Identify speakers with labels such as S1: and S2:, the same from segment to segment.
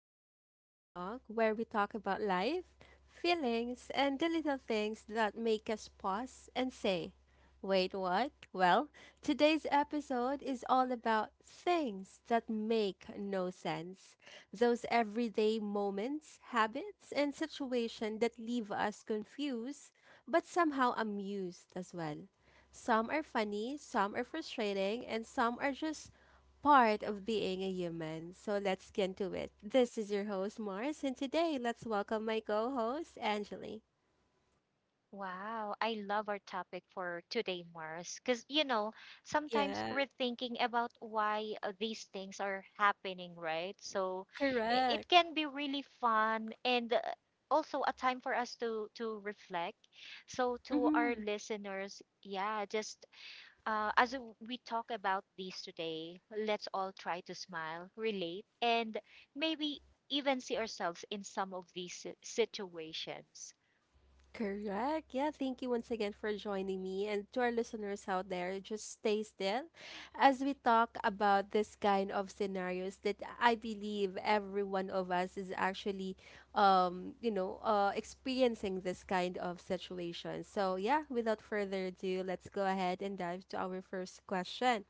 S1: welcome back to Glow Talk, where we talk about life, feelings, and the little things that make us pause and say, wait, what? Well, today's episode is all about things that make no sense. Those everyday moments, habits, and situations that leave us confused, but somehow amused as well. Some are funny, some are frustrating, and some are just part of being a human. So let's get into it. This is your host, Mars, and today let's welcome my co host, Angeli.
S2: Wow, I love our topic for today, Mars, because you know, sometimes
S1: Yeah,
S2: we're thinking about why these things are happening, right? So
S1: correct.
S2: it can be really fun and also a time for us to reflect. So to our
S1: Mm-hmm.
S2: listeners, yeah, just as we talk about these today, let's all try to smile, relate, and maybe even see ourselves in some of these situations.
S1: Correct. Yeah, thank you once again for joining me. And to our listeners out there, just stay still as we talk about this kind of scenarios that I believe every one of us is actually, experiencing this kind of situation. So, yeah, without further ado, let's go ahead and dive to our first question.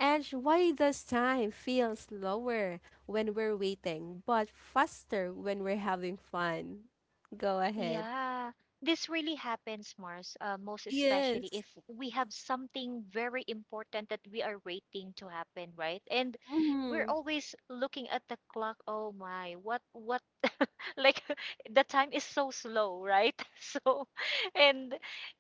S1: And why does time feel slower when we're waiting, but faster when we're having fun? Go ahead.
S2: Yeah, this really happens, Mars, most especially
S1: Yes.
S2: if we have something very important that we are waiting to happen, right? And we're
S1: Mhm.
S2: always looking at the clock. Oh my, what, like the time is so slow, right? So, and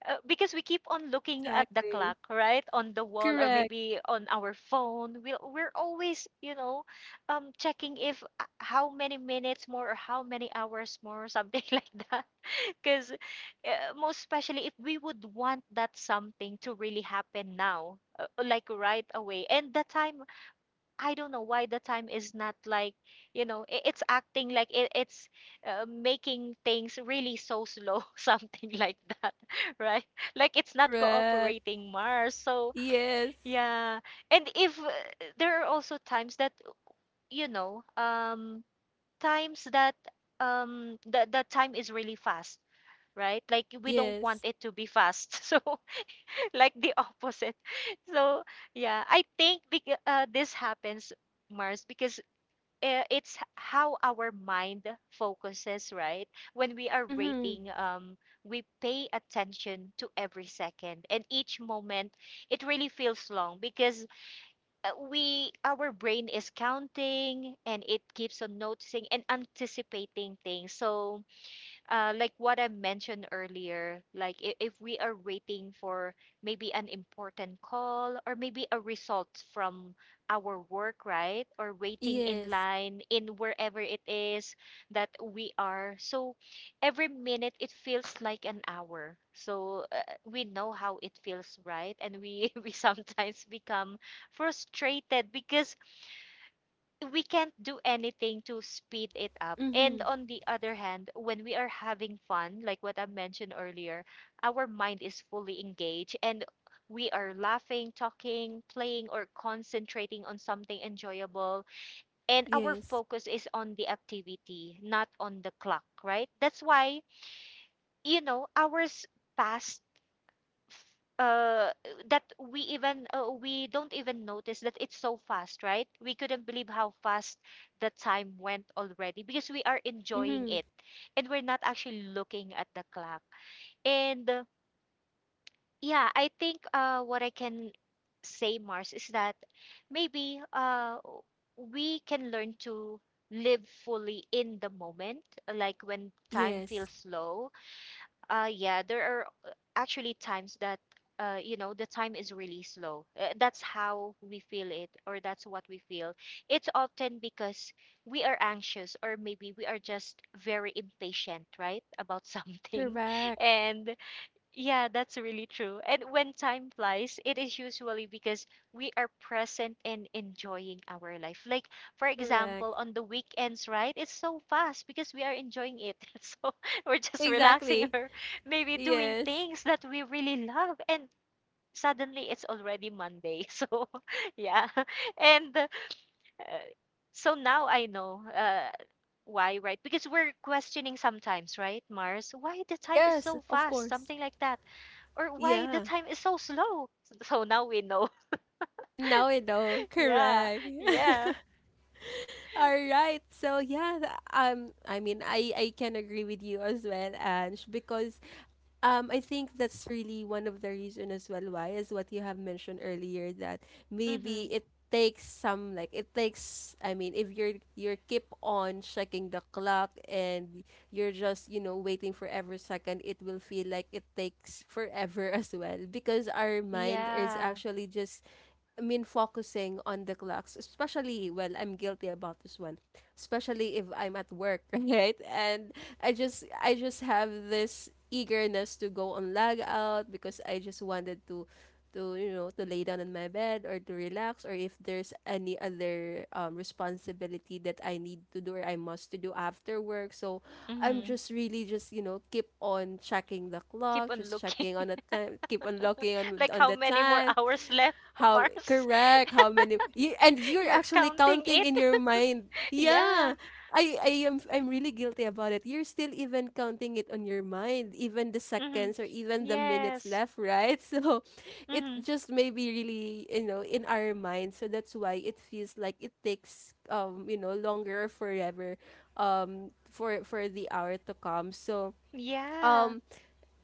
S2: because we keep on looking at the clock,
S1: Exactly.
S2: right? On the wall or
S1: Correct.
S2: maybe on our phone, we're always, checking if how many minutes more or how many hours more, something like that because most especially if we would want that something to really happen now, like right away. And the time, I don't know why the time is not like, it's acting like it's making things really so slow, something like that, right? Like it's not
S1: Correct.
S2: cooperating Mars. So,
S1: Yes.
S2: yeah. And if there are also times that, you know, um, times that the time is really fast, right? Like we don't want
S1: Yes.
S2: it to be fast. So like the opposite. So yeah, I think this happens Mars because it's how our mind focuses, right? When we are
S1: Mhm.
S2: rating we pay attention to every second and each moment, it really feels long because we our brain is counting and it keeps on noticing and anticipating things. So like what I mentioned earlier, like if we are waiting for maybe an important call or maybe a result from our work, right? Or waiting in
S1: Yes.
S2: line in wherever it is that we are. So every minute it feels like an hour. So we know how it feels, right? And we we sometimes become frustrated because we can't do anything to speed it up. And
S1: Mhm.
S2: on the other hand, when we are having fun, like what I mentioned earlier, our mind is fully engaged and we are laughing, talking, playing, or concentrating on something enjoyable. And our
S1: Yes.
S2: focus is on the activity, not on the clock, right? That's why, hours pass uh that we don't even notice that it's so fast, right? We couldn't believe how fast the time went already, because we are enjoying
S1: Mhm.
S2: it and we're not actually looking at the clock. And yeah, I think what I can say, Mars, is that maybe we can learn to live fully in the moment. Like when time feels
S1: Yes.
S2: slow, yeah, there are actually times that, the time is really slow. That's how we feel it, or that's what we feel. It's often because we are anxious, or maybe we are just very impatient, right, about something.
S1: Correct.
S2: And yeah, that's really true. And when time flies, it is usually because we are present and enjoying our life. Like, for
S1: Correct.
S2: example, on the weekends, right? It's so fast because we are enjoying it. So we're just relaxing
S1: Exactly.
S2: or maybe doing
S1: Yes.
S2: things that we really love. And suddenly it's already Monday. So, yeah. And so now I know why, right? Because we're questioning sometimes, right, Mars? Why the time is
S1: Yes,
S2: so
S1: of
S2: fast?
S1: course.
S2: Something like that, or why the
S1: Yeah.
S2: time is so slow. So now we know.
S1: Now I know.
S2: Yeah.
S1: Correct.
S2: Yeah.
S1: All right. So yeah, I mean I can agree with you as well, Ange, because I think that's really one of the reason as well why is what you have mentioned earlier that
S2: Mm-hmm.
S1: maybe it takes some like it takes I mean if you're keep on checking the clock and you're just, you know, waiting for every second, it will feel like it takes forever as well because our mind is
S2: Yeah.
S1: actually just I mean focusing on the clocks, especially well, I'm guilty about this one, especially if I'm at work, right? And I just have this eagerness to go on log out because I just wanted to you know, to lay down in my bed or to relax, or if there's any other responsibility that I need to do or I must to do after work. So I'm
S2: Mm-hmm.
S1: just really just, you know, keep on checking the
S2: Keep
S1: clock,
S2: on
S1: just
S2: looking.
S1: checking on the time, keep on looking on
S2: Like
S1: on
S2: how
S1: the
S2: many more
S1: time.
S2: hours left,
S1: How
S2: Mars?
S1: correct? How many? You, and you're
S2: You're
S1: actually
S2: counting
S1: counting
S2: it.
S1: in your mind.
S2: Yeah.
S1: Yeah. I'm really guilty about it. You're still even counting it on your mind, even the
S2: Mm-hmm.
S1: seconds or even the minutes
S2: Yes.
S1: left, right? So it
S2: Mm-hmm.
S1: just maybe really, you know, in our mind. So that's why it feels like it takes you know, longer or forever for the hour to come. So
S2: Yeah.
S1: um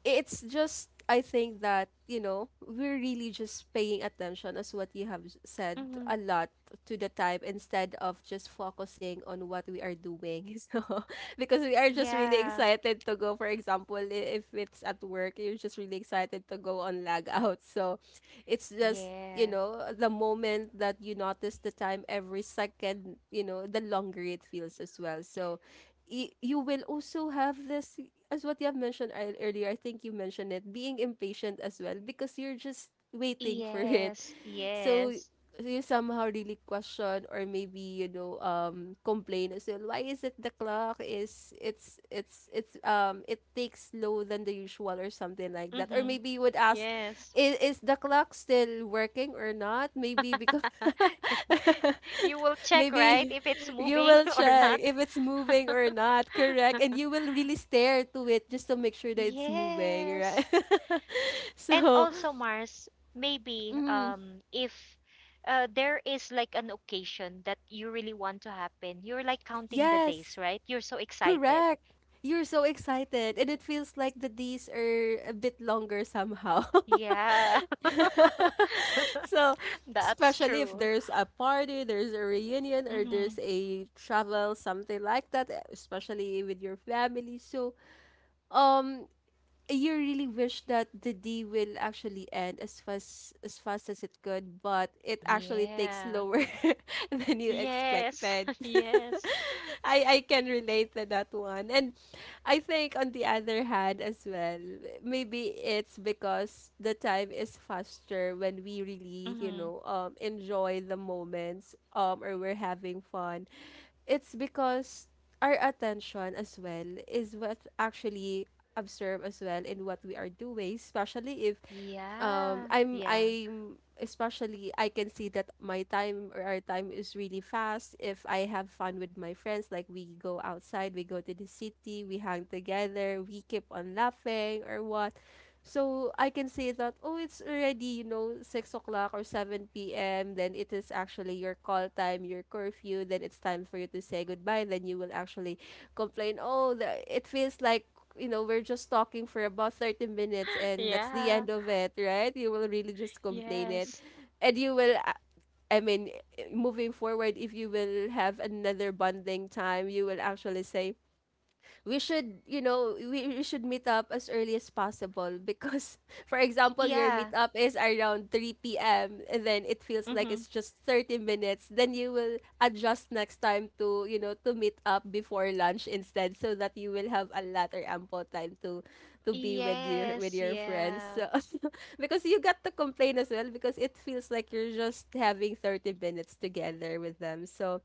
S1: it's just, I think that, you know, we're really just paying attention, as what you have said
S2: Mm-hmm.
S1: a lot, to the time instead of just focusing on what we are doing. So because we are just really
S2: Yeah.
S1: excited to go, for example, if it's at work, you're just really excited to go on lag out. So it's just, you
S2: Yeah.
S1: know, the moment that you notice the time every second, you know, the longer it feels as well. So you will also have this, as what you have mentioned earlier, I think you mentioned it, being impatient as well because you're just waiting for it.
S2: Yes.
S1: So
S2: Yes.
S1: you somehow really question, or maybe, you know, complain as well. Why is it the clock is it takes slower than the usual or something like that. Or
S2: Mm-hmm.
S1: maybe you would ask,
S2: Yes.
S1: is the clock still working or not? Maybe because
S2: You will check, right?
S1: maybe
S2: If it's
S1: you
S2: moving
S1: will
S2: or
S1: check
S2: not.
S1: if it's moving or not, correct? And you will really stare to it just to make sure that it's moving, right?
S2: Yes. And
S1: So,
S2: also Mars, maybe
S1: mm,
S2: if there is like an occasion that you really want to happen, you're like counting the
S1: yes.
S2: days, right? You're so excited.
S1: Correct. You're so excited, and it feels like the days are a bit longer somehow.
S2: Yeah.
S1: So,
S2: That's
S1: especially if
S2: true.
S1: there's a party, there's a reunion, or
S2: Mm-hmm.
S1: there's a travel, something like that, especially with your family. So, um, you really wish that the day will actually end as fast as it could, but it actually takes
S2: Yeah.
S1: longer than you
S2: Yes.
S1: expected.
S2: Yes.
S1: I can relate to that one. And I think on the other hand as well, maybe it's because the time is faster when we really, you
S2: Mm-hmm.
S1: know, enjoy the moments or we're having fun. It's because our attention as well is what actually absorb as well in what we are doing, especially if
S2: Yeah.
S1: I'm
S2: Yeah.
S1: I'm especially I can see that my time or our time is really fast if I have fun with my friends, like we go outside, we go to the city, we hang together, we keep on laughing or what. So I can say that, oh, it's already, you know, 6 o'clock or 7 p.m, then it is actually your call time, your curfew, then it's time for you to say goodbye, then you will actually complain, oh, it feels like, you know, we're just talking for about 30 minutes, and that's the
S2: Yeah.
S1: end of it, right? You will really just complain it.
S2: Yes.
S1: And you will, I mean, moving forward, if you will have another bonding time, you will actually say, we should, you know, we should meet up as early as possible because, for example, your
S2: Yeah.
S1: meetup is around 3 p.m. and then it feels like
S2: Mm-hmm.
S1: it's just 30 minutes. Then you will adjust next time to, you know, to meet up before lunch instead so that you will have a lot or ample time to be with your
S2: Yes.
S1: friends.
S2: Yeah.
S1: So, because you got to complain as well because it feels like you're just having 30 minutes together with them. So,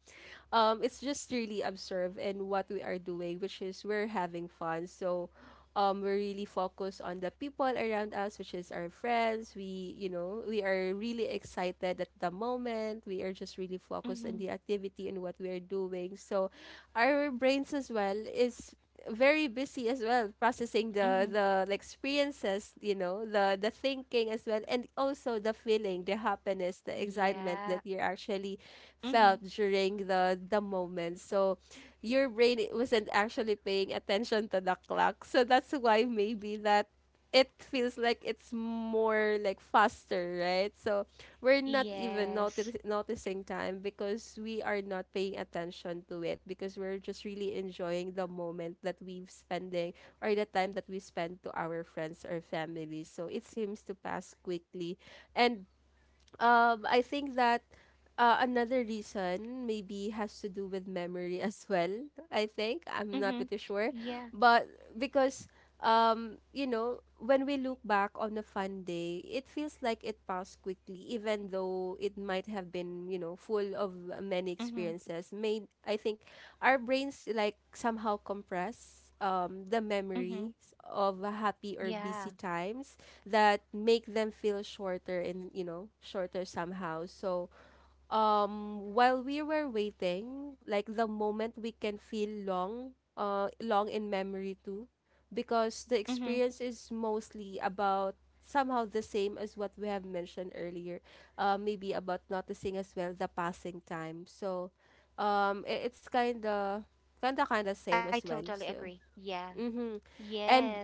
S1: it's just really observe in what we are doing, which is we're having fun. So, we really focus on the people around us, which is our friends. We, you know, we are really excited at the moment. We are just really focused on
S2: Mm-hmm.
S1: the activity and what we are doing. So our brains as well is very busy as well processing
S2: Mm-hmm.
S1: the experiences, you know, the thinking as well, and also the feeling, the happiness, the excitement
S2: Yeah.
S1: that you're actually
S2: Mm-hmm.
S1: felt during the moment. So your brain wasn't actually paying attention to the clock. So that's why maybe that it feels like it's more like faster, right? So we're not even
S2: Yes.
S1: noticing time because we are not paying attention to it because we're just really enjoying the moment that we've spending or the time that we spend to our friends or family. So it seems to pass quickly. And I think that another reason maybe has to do with memory as well. I think I'm not
S2: Mm-hmm.
S1: pretty sure,
S2: Yeah.
S1: but because you know, when we look back on a fun day, it feels like it passed quickly, even though it might have been, you know, full of many
S2: Mm-hmm.
S1: experiences. Made I think our brains like somehow compress the
S2: Mm-hmm.
S1: memories of happy or
S2: Yeah.
S1: busy times that make them feel shorter and, you know, shorter somehow. So while we were waiting, like the moment we can feel long, long in memory too, because the
S2: Mm-hmm.
S1: experience is mostly about somehow the same as what we have mentioned earlier, maybe about noticing as well the passing time. So
S2: Mm-hmm.
S1: it's kind
S2: Yeah.
S1: of kind of
S2: I
S1: same as
S2: totally
S1: well.
S2: agree.
S1: So
S2: Yeah.
S1: mm-hmm.
S2: Yes.
S1: And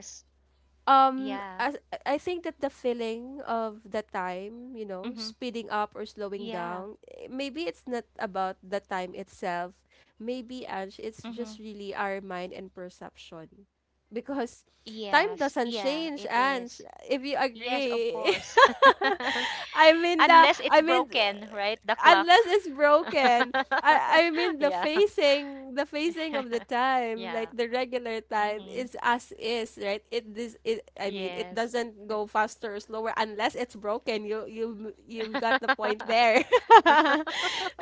S2: Yeah.
S1: um, I I think that the feeling of the time, you know,
S2: Mm-hmm.
S1: speeding up or slowing
S2: Yeah.
S1: down, eh, maybe it's not about the time itself. Maybe, Ange, it's
S2: Mm-hmm.
S1: just really our mind and perception. Because time
S2: Yes.
S1: doesn't
S2: Yeah,
S1: change,
S2: it
S1: Ange,
S2: is.
S1: if you
S2: Yes, of
S1: agree.
S2: course. Unless it's
S1: I mean
S2: broken, right? The clock.
S1: unless it's broken. I mean
S2: Yeah.
S1: the facing of the time, like
S2: Yeah.
S1: the regular time
S2: Mm-hmm.
S1: is as is, right? it this it I mean it
S2: Yes.
S1: doesn't go faster or slower unless it's broken. You've got the point there.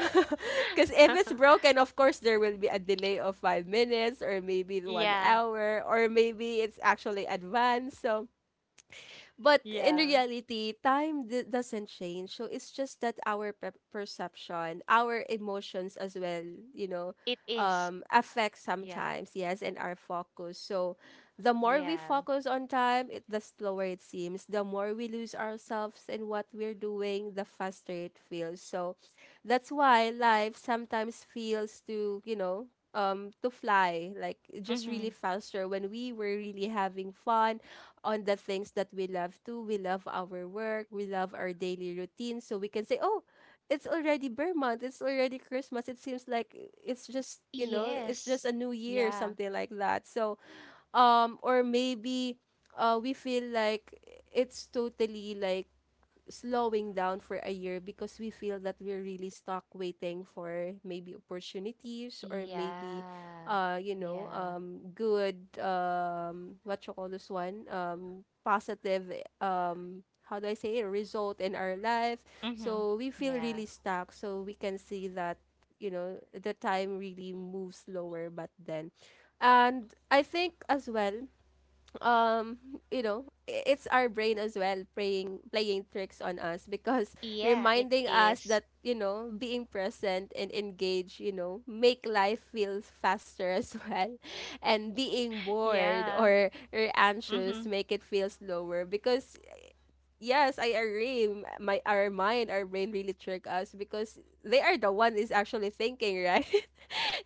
S1: Because if it's broken, of course there will be a delay of 5 minutes or maybe one
S2: Yeah.
S1: hour or maybe it's actually advanced. So but in
S2: Yeah.
S1: reality, time doesn't change. So it's just that our perception, our emotions as well, you know,
S2: It is.
S1: affect
S2: Yeah.
S1: sometimes, yes, and our focus. So the more we
S2: Yeah.
S1: focus on time, the slower it seems. The more we lose ourselves in what we're doing, the faster it feels. So that's why life sometimes feels to, you know, to fly like just really
S2: Mm-hmm.
S1: faster when we were really having fun on the things that we love too. We love our work, we love our daily routine. So we can say, oh, it's already Bear Month, it's already Christmas. It seems like it's just, you know, it's just
S2: Yes.
S1: a new year,
S2: Yeah.
S1: something like that. So or maybe we feel like it's totally like slowing down for a year because we feel that we're really stuck waiting for maybe opportunities or maybe
S2: Yeah. Yeah.
S1: good what you call this one positive how do I say it result in our life,
S2: Mm-hmm.
S1: so we feel really
S2: Yeah.
S1: stuck, so we can see that you know the time really moves slower. But then, and I think as well, um you know it's our brain as well playing tricks on us because
S2: Yeah, it
S1: reminding us that
S2: is.
S1: you know being present and engaged, you know, make life feel faster as well. And being bored
S2: Yeah.
S1: or,
S2: Mm-hmm.
S1: anxious make it feel slower because yes, I agree. M- my Our mind, our brain really trick us because they are the one is actually thinking, right?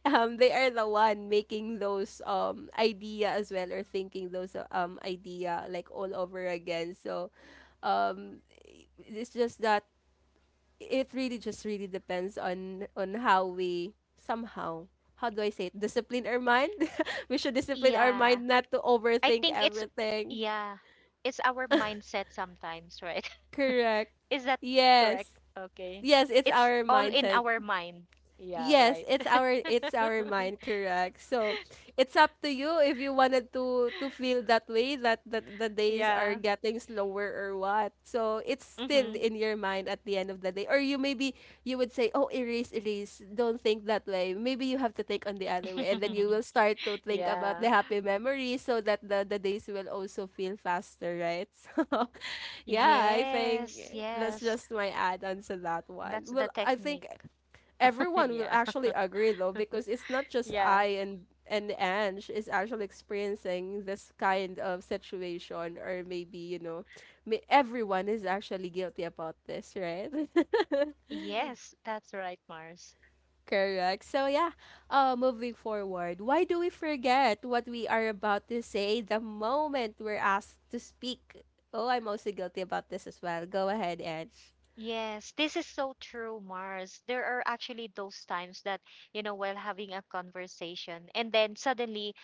S1: They are the one making those idea as well, or thinking those idea like all over again. So um it's just that it really just really depends on how we somehow, how do I say it, discipline our mind. We should discipline our
S2: Yeah.
S1: mind not to
S2: I
S1: overthink
S2: think it's
S1: everything.
S2: yeah. It's our mindset sometimes, right?
S1: Correct.
S2: Is that correct?
S1: Yes.
S2: Okay.
S1: Yes, it's
S2: It's
S1: our
S2: all in
S1: mindset.
S2: our mind. Yeah,
S1: Yes,
S2: right.
S1: it's our mind, correct. So it's up to you if you wanted to feel that way, that the days are
S2: Yeah.
S1: getting slower or what. So it's still
S2: Mm-hmm.
S1: in your mind at the end of the day. Or you maybe you would say, "Oh, erase, erase. Don't think that way." Maybe you have to think on the other way, and then you will start to think about
S2: Yeah.
S1: the happy memories so that the days will also feel faster, right? So yeah, I think
S2: Yes,
S1: that's
S2: yes.
S1: just my add-on to that one.
S2: That's the
S1: Well, I
S2: technique.
S1: think everyone will
S2: Yeah.
S1: actually agree though, because it's not just
S2: Yeah.
S1: I, and Ange is actually experiencing this kind of situation, or maybe, you know, may, everyone is actually guilty about this, right?
S2: Yes, that's right, Mars.
S1: Correct. So yeah, moving forward, why do we forget what we are about to say the moment we're asked to speak? Oh, I'm also guilty about this as well. Go ahead, Ange.
S2: Yes, this is so true, Mars. There are actually those times that, while having a conversation and then suddenly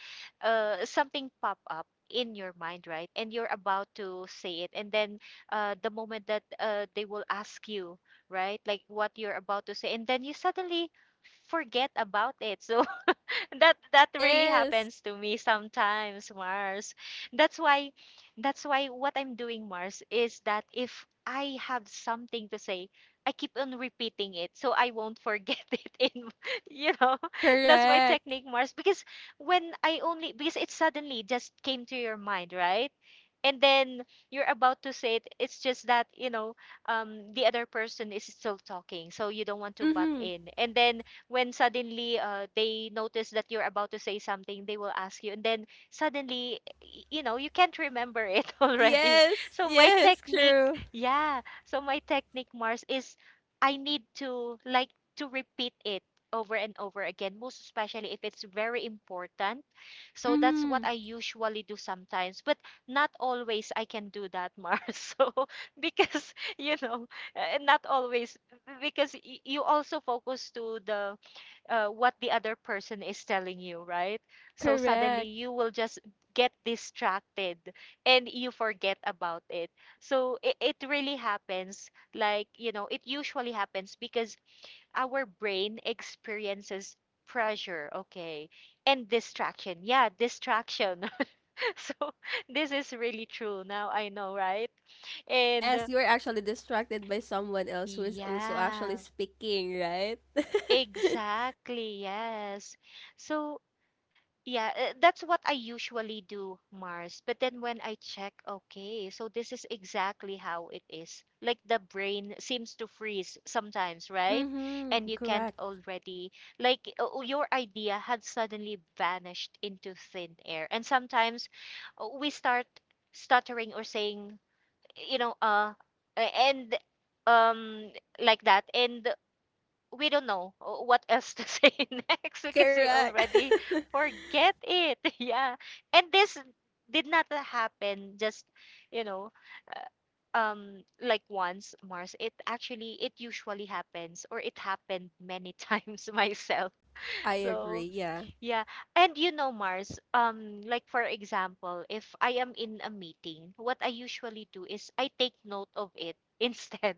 S2: something pop up in your mind, right? And you're about to say it. And then the moment that they will ask you, right? Like what you're about to say, and then you suddenly forget about it. So that really
S1: Yes.
S2: happens to me sometimes, Mars. That's why that's why what I'm doing, Mars, is that if I have something to say, I keep on repeating it so I won't forget it in you know. That's my
S1: Correct.
S2: technique, Mars, because when I only because it suddenly just came to your mind, right? And then you're about to say it. It's just that, the other person is still talking, so you don't want to butt
S1: Mhm.
S2: in. And then when suddenly they notice that you're about to say something, they will ask you, and then suddenly, you can't remember it already.
S1: Yes,
S2: So my
S1: yes,
S2: technique,
S1: true.
S2: yeah. So my technique, Mars, is I need to like to repeat it over and over again, most especially if it's very important. So that's
S1: Mm-hmm.
S2: what I usually do sometimes, but not always I can do that, Mars. So because not always because you also focus to the what the other person is telling you, right? So suddenly
S1: Correct.
S2: you will just get distracted and you forget about it. So it really happens. Like, it usually happens because our brain experiences pressure, okay, and distraction. Yeah, distraction. So this is really true. Now I know, right? And
S1: Yes, you are actually distracted by someone else who is also actually
S2: yeah,
S1: speaking, right?
S2: exactly. Yes. So yeah, that's what I usually do, Mars. But then when I check, okay, so this is exactly how it is. Like the brain seems to freeze sometimes, right? And
S1: Mm-hmm.
S2: you can't
S1: Correct.
S2: already, like your idea had suddenly vanished into thin air. And sometimes we start stuttering or saying, you know, and um, like that. And we don't know what else to say next because we
S1: Correct.
S2: already forget it. Yeah. And this did not happen just, you know, uh, like once, Mars. It usually happens, or it happened many times myself.
S1: I agree,
S2: So,
S1: yeah.
S2: yeah. And you know Mars, like for example, if I am in a meeting, what I usually do is I take note of it instead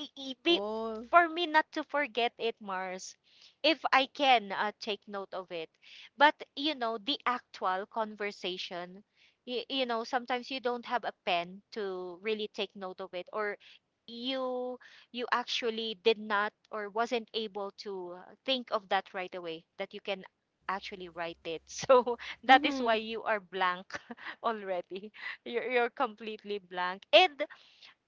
S2: i- i- be-
S1: Oh,
S2: for me not to forget it, Mars, if I can take note of it. But, you know, the actual conversation, sometimes you don't have a pen to really take note of it, or you you actually did not or wasn't able to think of that right away that you can actually write it. So that is
S1: mm-hmm,
S2: why you are blank already. You're completely blank, and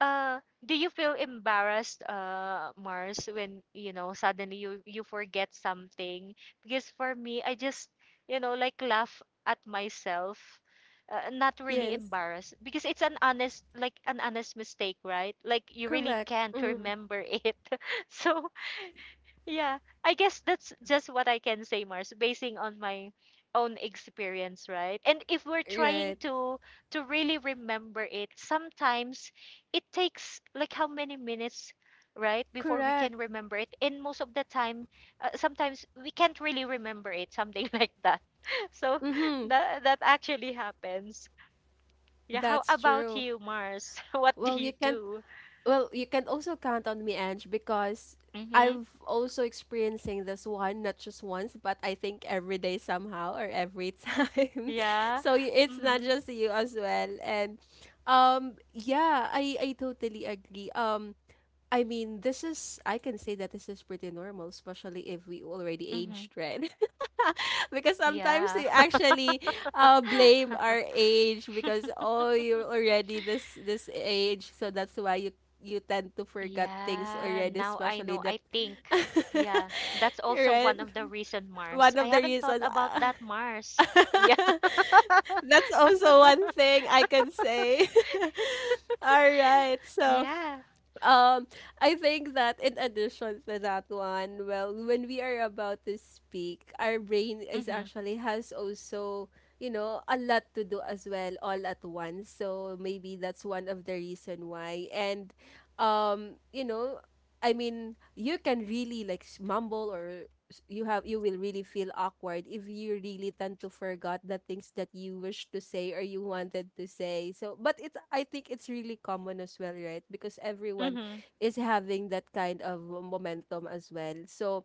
S2: do you feel embarrassed, Mars, when suddenly you forget something? Because for me, I just like laugh at myself, not really
S1: yes.
S2: embarrassed because it's an honest mistake, right? Like you really
S1: Correct.
S2: can't
S1: Mm-hmm.
S2: remember it. So yeah, I guess that's just what I can say, Mars, basing on my own experience, right? And if we're trying
S1: Right.
S2: to really remember it, sometimes it takes like how many minutes, right, before we can
S1: Correct.
S2: remember it. And most of the time, sometimes we can't really remember it, something like that. So
S1: Mm-hmm.
S2: that actually happens. Yeah, how
S1: That's
S2: about
S1: true.
S2: you, Mars? What do
S1: Well, you
S2: you
S1: can't
S2: do?
S1: Well, you can also count on me, Ange, because
S2: Mm-hmm.
S1: I've also experiencing this one, not just once, but I think every day somehow or every time.
S2: Yeah.
S1: So it's not
S2: Mm-hmm.
S1: just you as well. And yeah, I totally agree. I mean, this is, I can say that this is pretty normal, especially if we already
S2: Mm-hmm.
S1: aged, right? Because sometimes
S2: Yeah.
S1: we actually blame our age, because oh, you're already this age, so that's why you you tend to forget things
S2: Yeah,
S1: already,
S2: now I
S1: especially
S2: know.
S1: that.
S2: I think, yeah, that's also
S1: Right.
S2: one of the reason,
S1: One
S2: Mars. I
S1: of the
S2: haven't thought
S1: reasons.
S2: about that, Mars. Yeah,
S1: That's also one thing I can say. All right, so
S2: yeah.
S1: um I think that in addition to that one, well, when we are about to speak, our brain is
S2: Mhm.
S1: actually has also, you know, a lot to do as well all at once. So maybe that's one of the reason why. And you know, I mean, you can really like mumble, or you have you will really feel awkward if you really tend to forget the things that you wish to say or you wanted to say. So, but it's, I think it's really common as well, right? Because everyone
S2: Mhm.
S1: is having that kind of momentum as well. So,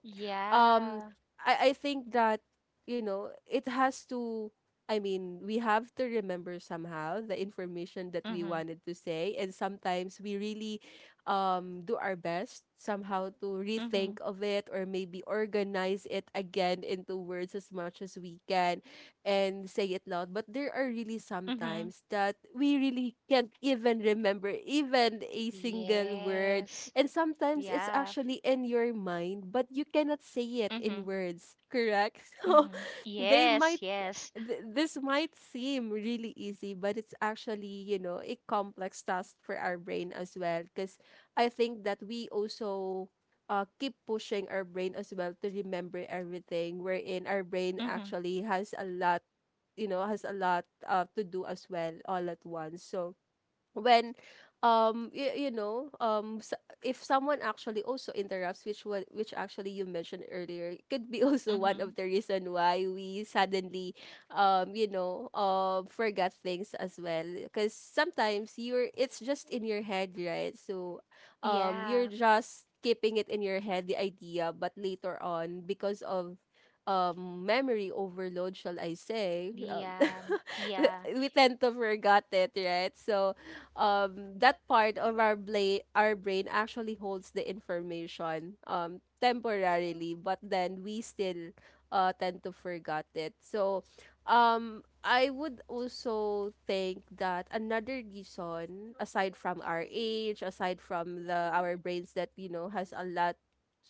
S1: um, I think that you know it has to. I mean, we have to remember somehow the information that we
S2: Mhm.
S1: wanted to say, and sometimes we really do our best somehow to
S2: Mhm.
S1: rethink of it, or maybe organize it again into words as much as we can and say it loud. But there are really some
S2: Mhm.
S1: times that we really can't even remember even a single word,
S2: Yes.
S1: and sometimes it's
S2: Yeah.
S1: actually in your mind but you cannot say it in
S2: Mhm.
S1: words, correct? So
S2: Mhm.
S1: they might,
S2: Yes, yes.
S1: this might seem really easy, but it's actually, you know, a complex task for our brain as well. Because I think that we also keep pushing our brain as well to remember everything, wherein our brain
S2: Mhm.
S1: actually has a lot, you know, has a lot to do as well all at once. So, when you know, s if someone actually also interrupts, which what which actually you mentioned earlier, it could be also one
S2: Mhm.
S1: of the reason why we suddenly you know forget things as well, because sometimes you're it's just in your head, right? So
S2: Yeah.
S1: you're just keeping it in your head, the idea, but later on because of memory overload, shall I say,
S2: Yeah. Yeah.
S1: we tend to forget it, right? So that part of our our brain actually holds the information temporarily, but then we still tend to forget it. So I would also think that another reason aside from our age, aside from the our brains that you know has a lot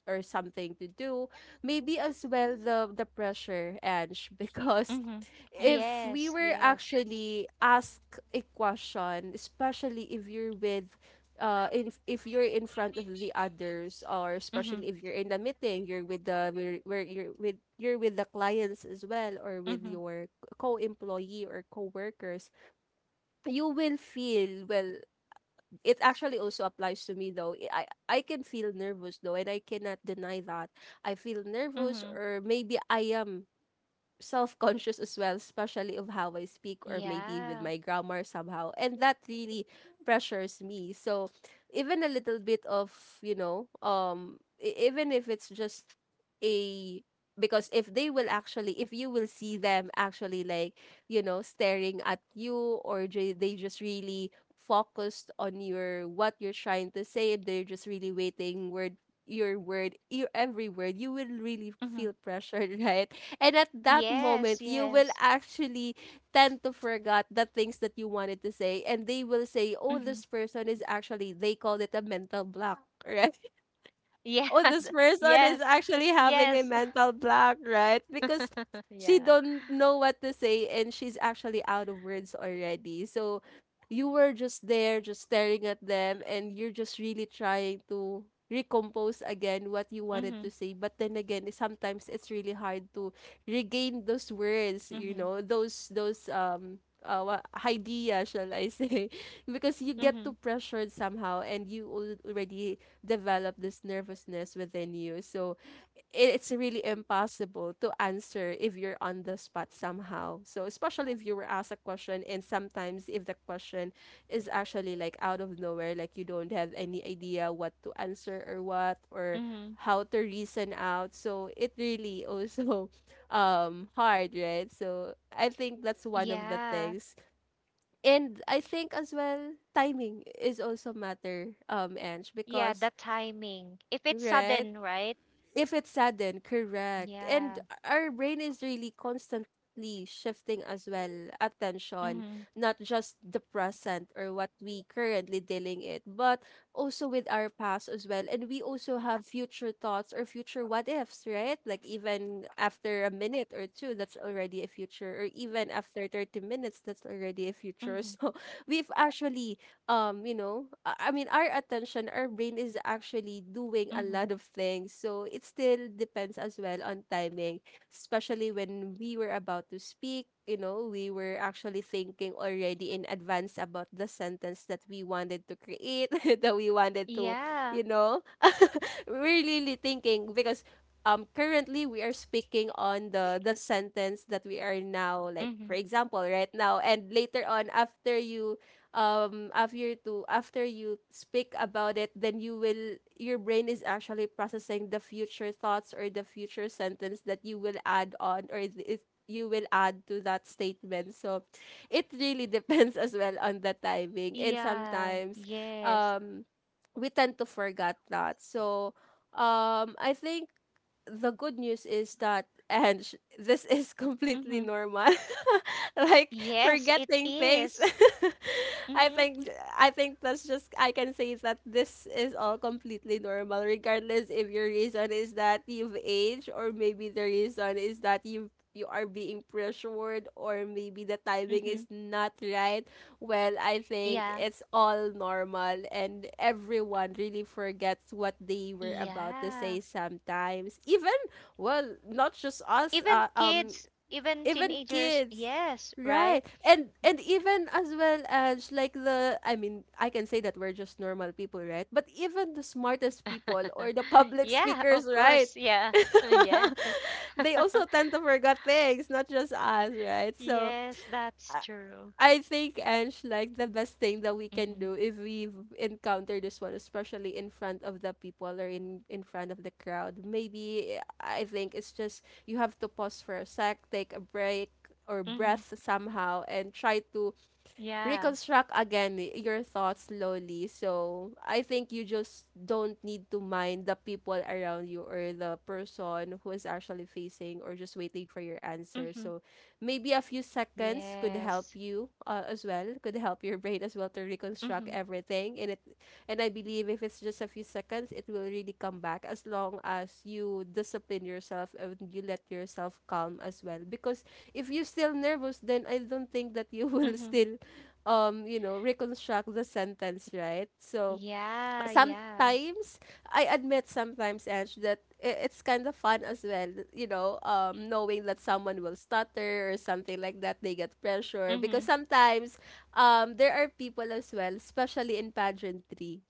S1: or something to do. Maybe as well the pressure, Ange, because
S2: Mhm.
S1: if we
S2: Yes,
S1: were
S2: yes.
S1: actually asked a question, especially if you're with if you're in front of the others, or
S2: Mhm.
S1: especially if you're in the meeting, you're with the where you're with the clients as well, or with
S2: Mhm.
S1: your co-employee or co-workers, you will feel, well, it actually also applies to me though. I can feel nervous though, and I cannot deny that. I feel nervous,
S2: Mhm.
S1: or maybe I am self-conscious as well, especially of how I speak, or maybe with
S2: Yeah.
S1: my grammar somehow. And that really pressures me. So even a little bit of, you know, even if it's just a, because if they will actually if you will see them actually like, you know, staring at you, or they just really focused on your what you're trying to say, and they're just really waiting word your word, your every word, you will really feel
S2: Mhm.
S1: pressured. Right. And at that moment,
S2: Yes,
S1: you will
S2: yes.
S1: actually tend to forget the things that you wanted to say. And they will say, oh,
S2: Mm-hmm.
S1: this person is actually, they called it a mental block.
S2: Yeah.
S1: Oh, this person is
S2: Yes.
S1: actually having a
S2: Yes.
S1: mental block, right? Because she
S2: Yeah.
S1: don't know what to say, and she's actually out of words already. So you were just there, just staring at them, and you're just really trying to recompose again what you wanted to
S2: Mm-hmm.
S1: say. But then again, sometimes it's really hard to regain those words, you
S2: Mm-hmm.
S1: know, those idea, shall I say? Because you get
S2: Mm-hmm.
S1: too pressured somehow, and you already develop this nervousness within you. So it's really impossible to answer if you're on the spot somehow. So especially if you were asked a question, and sometimes if the question is actually like out of nowhere, like you don't have any idea what to answer or what or
S2: Mm-hmm.
S1: how to reason out. So it really also hard, right? So I think that's one of the
S2: Yeah.
S1: things. And I think as well timing is also matter, um, Ange,
S2: Yeah, the
S1: because
S2: timing. If it's
S1: right?
S2: sudden, right?
S1: If it's sudden, correct. And
S2: Yeah.
S1: our brain is really constantly shifting as well attention,
S2: Mm-hmm.
S1: not just the present or what we currently dealing it, but also with our past as well. And we also have future thoughts or future what ifs, right? Like even after a minute or two, that's already a future, or even after 30 minutes, that's already a future.
S2: Mm-hmm.
S1: So we've actually you know I mean our attention, our brain is actually doing a
S2: Mm-hmm.
S1: lot of things, so it still depends as well on timing, especially when we were about to speak. You know, we were actually thinking already in advance about the sentence that we wanted to create that we wanted to, you
S2: Yeah.
S1: know, we're really thinking, because currently we are speaking on the sentence that we are now, like
S2: Mm-hmm.
S1: for example right now, and later on after you after you speak about it, then you will your brain is actually processing the future thoughts or the future sentence that you will add on, or it, you will add to that statement. So it really depends as well on the timing, and
S2: Yeah.
S1: sometimes
S2: Yes.
S1: um we tend to forget that. So I think the good news is that and this is completely
S2: Mm-hmm.
S1: normal. Like
S2: Yes, it
S1: forgetting things.
S2: is.
S1: I
S2: Mm-hmm.
S1: think, I think that's just I can say that this is all completely normal, regardless if your reason is that you've aged, or maybe the reason is that you are being pressured, or maybe the timing
S2: Mm-hmm.
S1: is not right. Well, I think
S2: Yeah.
S1: it's all normal and everyone really forgets what they were about to
S2: Yeah.
S1: say sometimes. Even well, not just us.
S2: Even kids, even
S1: Even
S2: teenagers,
S1: kids,
S2: yes, right?
S1: right. And even as well as like the I mean I can say that we're just normal people, right? But even the smartest people or the public
S2: Yeah,
S1: speakers,
S2: of course.
S1: right?
S2: Yeah. Yeah.
S1: They also tend to forget things, not just us, right? So
S2: Yes, that's
S1: i
S2: true.
S1: I think, Ange, like the best thing that we can
S2: Mm-hmm.
S1: do if we encounter this one, especially in front of the people or in front of the crowd, maybe I think it's just you have to pause for a sec, take a break or
S2: Mm-hmm.
S1: breath somehow, and try to
S2: Yeah.
S1: reconstruct again your thoughts slowly. So I think you just don't need to mind the people around you or the person who is actually facing or just waiting for your answer.
S2: Mm-hmm.
S1: So maybe a few seconds could
S2: Yes.
S1: help you as well, could help your brain as well to
S2: Mm-hmm.
S1: reconstruct everything. And it and I believe if it's just a few seconds, it will really come back as long as you discipline yourself and you let yourself calm as well. Because if you're still nervous, then I don't think that you will
S2: Mm-hmm.
S1: still reconstruct the sentence, right? So
S2: Yeah, yeah.
S1: sometimes I admit sometimes, Ange, that it's kind of fun as well, knowing that someone will stutter or something like that, they get pressure.
S2: Mm-hmm.
S1: Because sometimes there are people as well, especially in pageantry,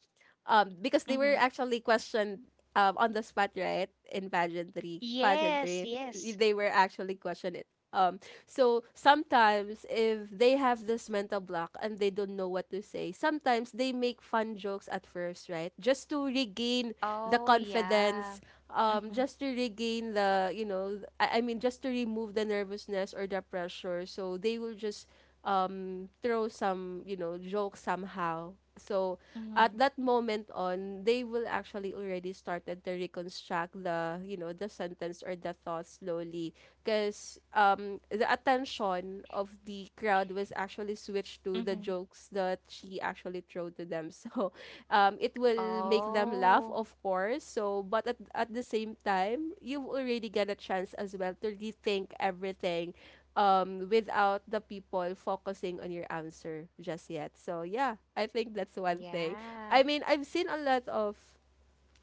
S1: because they
S2: Mm-hmm.
S1: were actually questioned on the spot, right? In pageantry
S2: Yes,
S1: pageantry
S2: yes.
S1: they were actually questioned it. So sometimes if they have this mental block and they don't know what to say, sometimes they make fun jokes at first, right? Just to regain the
S2: Oh, yeah.
S1: confidence,
S2: Mm-hmm.
S1: just to regain the, you know, I mean just to remove the nervousness or the pressure, so they will just throw some, jokes somehow. So at
S2: Mm-hmm.
S1: that moment on, they will actually already started to reconstruct the, the sentence or the thought slowly, because the attention of the crowd was actually switched to the
S2: Mm-hmm.
S1: jokes that she actually threw to them. So it will make them laugh,
S2: Oh,
S1: of course. So but at the same time, you've already got a chance as well to rethink everything without the people focusing on your answer just yet. So yeah, I think that's one thing.
S2: yeah.
S1: I mean, I've seen a lot of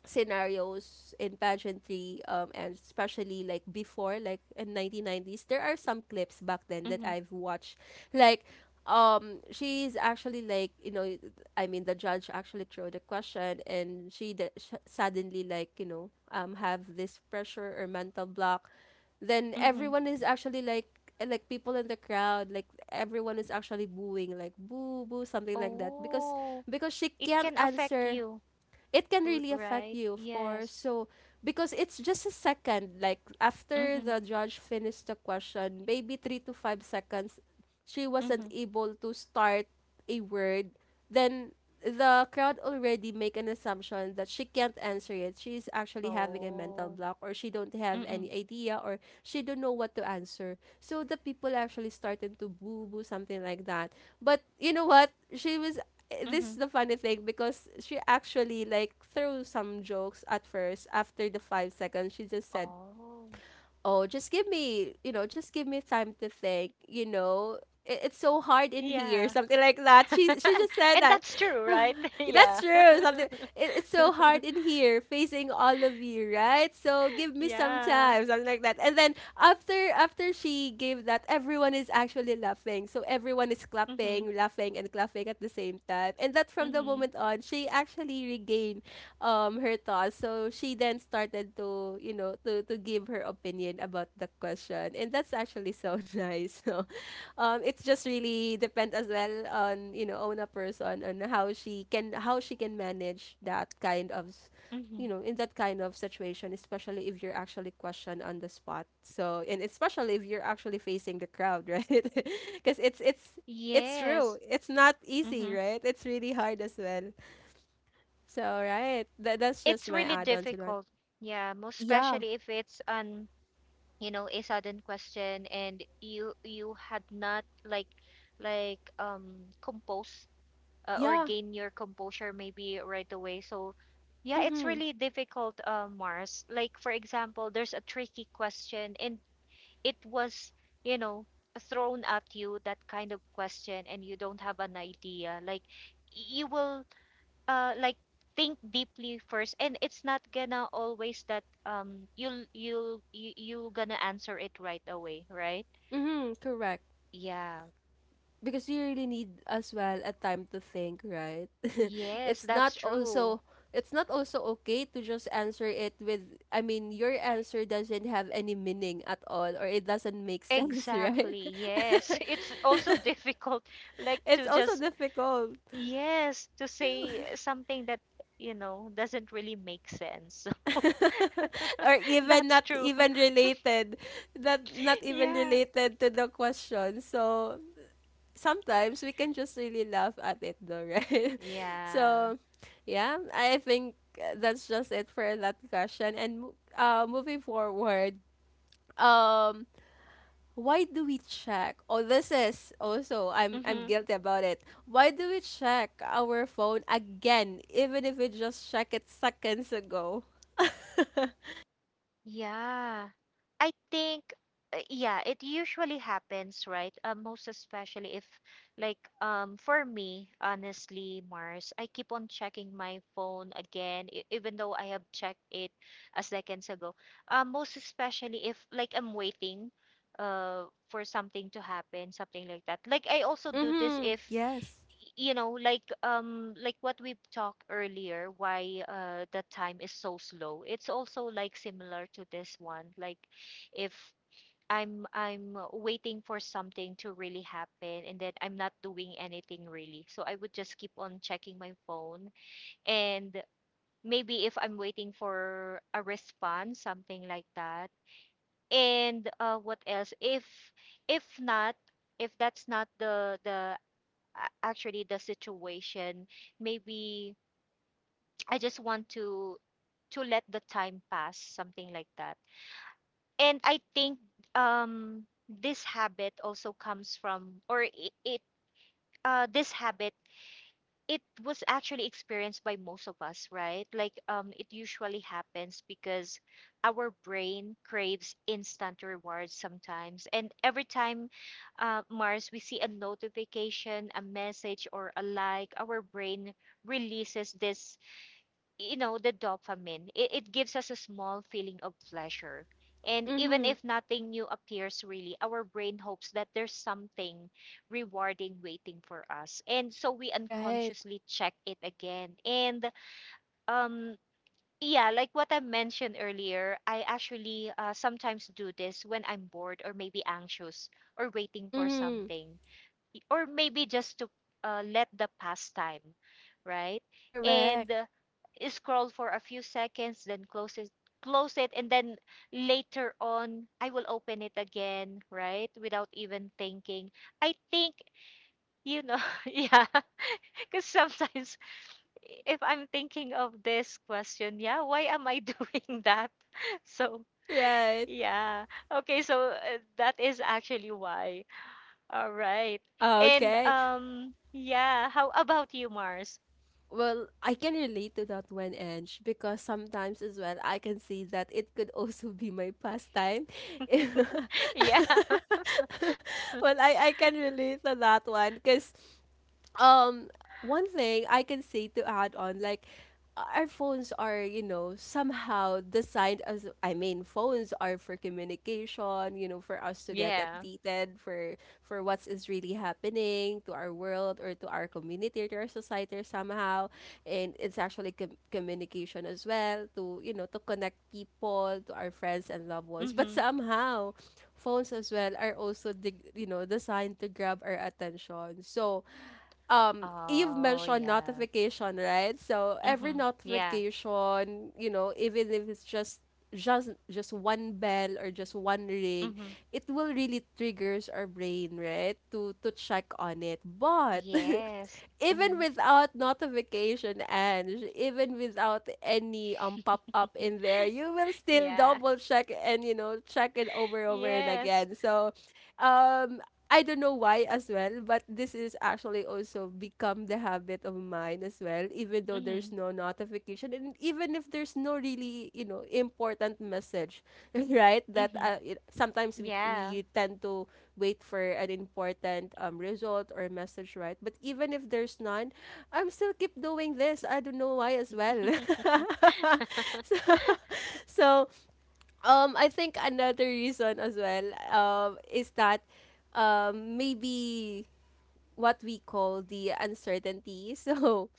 S1: scenarios in pageantry, and especially like before, like in 1990s, there are some clips back then that
S2: Mm-hmm.
S1: I've watched. Like, she's actually like, you know, I mean, the judge actually threw the question, and she suddenly like, you know, have this pressure or mental block. Then
S2: Mm-hmm.
S1: everyone is actually like people in the crowd, like everyone is actually booing, like boo, boo, something like that, because
S2: Oh,
S1: she
S2: it
S1: can't
S2: can affect
S1: answer.
S2: you,
S1: It can really affect
S2: right?
S1: you, of course.
S2: Yes.
S1: So, because it's just a second, like after
S2: Mm-hmm.
S1: the judge finished the question, maybe 3 to 5 seconds, she wasn't
S2: Mm-hmm.
S1: able to start a word. Then the crowd already make an assumption that she can't answer it. She's actually having a mental
S2: Oh.
S1: block, or she don't have
S2: Mm-mm.
S1: any idea, or she don't know what to answer. So the people actually started to boo boo, something like that. But you know what? She was this is
S2: Mhm.
S1: the funny thing, because she actually like threw some jokes at first. After the 5 seconds, she just said,
S2: Oh.
S1: oh, just give me, you know, just give me time to think, you know, it's so hard in here,
S2: Yeah.
S1: something like that. She just said
S2: And
S1: that.
S2: that's true, right?
S1: That's
S2: Yeah.
S1: true, something, it's so hard in here facing all of you, right? So give me some
S2: Yeah.
S1: time, something like that. And then after she gave that, everyone is actually laughing. So everyone is
S2: Mhm.
S1: clapping, laughing and clapping at the same time. And that from the
S2: Mhm.
S1: moment on, she actually regained her thoughts. So she then started to, you know, to give her opinion about the question. And that's actually so nice. So it's just really depends as well on, you know, on a person, on how she can, how she can manage that kind of
S2: Mhm.
S1: you know, in that kind of situation, especially if you're actually questioned on the spot. So, and especially if you're actually facing the crowd, right? Because it's true.
S2: Yes.
S1: It's not easy,
S2: Mhm.
S1: right? It's really hard as well. So right, that's just
S2: It's
S1: my
S2: really
S1: add-on to that.
S2: difficult. Yeah, most
S1: Yeah,
S2: especially if it's an, you know, a sudden question and you had not like like composed or
S1: yeah.
S2: gain your composure maybe right away. So yeah, it's
S1: Mhm,
S2: really difficult, Mars. Like for example, there's a tricky question and it was, you know, thrown at you that kind of question and you don't have an idea. Like you will like think deeply first and it's not gonna always that you gonna answer it right away, right?
S1: mhm. Correct.
S2: Yeah.
S1: Because you really need as well a time to think, right?
S2: Yes,
S1: it's
S2: that's
S1: not
S2: true.
S1: also it's not also okay to just answer it with. I mean, your answer doesn't have any meaning at all, or it doesn't make sense, right?
S2: Exactly. Yes. It's also difficult, like
S1: It's
S2: to
S1: also
S2: just,
S1: difficult,
S2: yes, to say something that, you know, doesn't really make sense.
S1: or even
S2: That's
S1: not
S2: true.
S1: even related, not even
S2: Yeah.
S1: related to the question. So sometimes we can just really laugh at it though, right?
S2: Yeah.
S1: So, yeah, I think that's just it for that question. And moving forward, um, why do we check? Oh, this is also I'm
S2: Mhm.
S1: guilty about it. Why do we check our phone again, even if we just check it seconds ago?
S2: Yeah. I think, yeah, it usually happens, right? Most especially if, like, for me, honestly, Mars, I keep on checking my phone again, even though I have checked it a seconds ago. Most especially if, like, I'm waiting, for something to happen, something like that. Like, I also do this
S1: Mm-hmm.
S2: if
S1: Yes.
S2: you know like what we've talked earlier why the time is so slow. It's also like similar to this one. Like if I'm waiting for something to really happen and then I'm not doing anything really, so I would just keep on checking my phone. And maybe if I'm waiting for a response, something like that. And what else if not, if that's not actually the situation, maybe I just want to let the time pass, something like that. And I think this habit also comes from or it this habit it was actually experienced by most of us, right? Like, it usually happens because our brain craves instant rewards sometimes. And every time, Mars, we see a notification, a message, or a like, our brain releases this, you know, the dopamine. It gives us a small feeling of pleasure, and even
S1: Mm-hmm.
S2: if nothing new appears really, our brain hopes that there's something rewarding waiting for us, and so we
S1: Right.
S2: unconsciously check it again. And um yeah, like what I mentioned earlier, I actually sometimes do this when I'm bored or maybe anxious or waiting for
S1: Mm-hmm.
S2: something, or maybe just to let the pastime, right? And
S1: Correct.
S2: scroll for a few seconds, then close it, and then later on, I will open it again, right? Without even thinking. I think, you know, yeah, because sometimes if I'm thinking of this question, yeah, why am I doing that? So,
S1: Right.
S2: yeah, okay, so that is actually why. All right. And
S1: Okay.
S2: yeah, how about you, Mars?
S1: Well, I can relate to that one, Ange, because sometimes as well I can see that it could also be my pastime.
S2: Yeah.
S1: Well, I can relate to that one because um one thing I can say to add on, like our phones are, you know, somehow designed as, I mean, phones are for communication, you know, for us to get
S2: Yeah.
S1: updated for what is really happening to our world or to our community or to our society somehow. And it's actually communication as well to, you know, to connect people to our friends and loved ones. But
S2: Mhm.
S1: somehow phones as well are also you know designed to grab our attention. So you've
S2: Oh,
S1: mentioned
S2: yeah.
S1: notification, right? So every
S2: Mhm. Yeah.
S1: notification, you know, even if it's just just one bell or just one ring,
S2: Mhm.
S1: it will really triggers our brain, right? To check on it. But
S2: Yes.
S1: even
S2: Mhm.
S1: without notification and even without any pop up in there, you will still
S2: Yeah.
S1: double check and you know check it over and
S2: Yes.
S1: again. So um I don't know why as well, but this is actually also become the habit of mine as well, even though there's
S2: Mhm.
S1: no notification and even if there's no really, you know, important message, right, that
S2: Mhm.
S1: it, sometimes we
S2: Yeah.
S1: we tend to wait for an important result or message, right? But even if there's none, I'm still keep doing this. I don't know why as well. so so I think another reason as well, is that maybe what we call the uncertainty. So,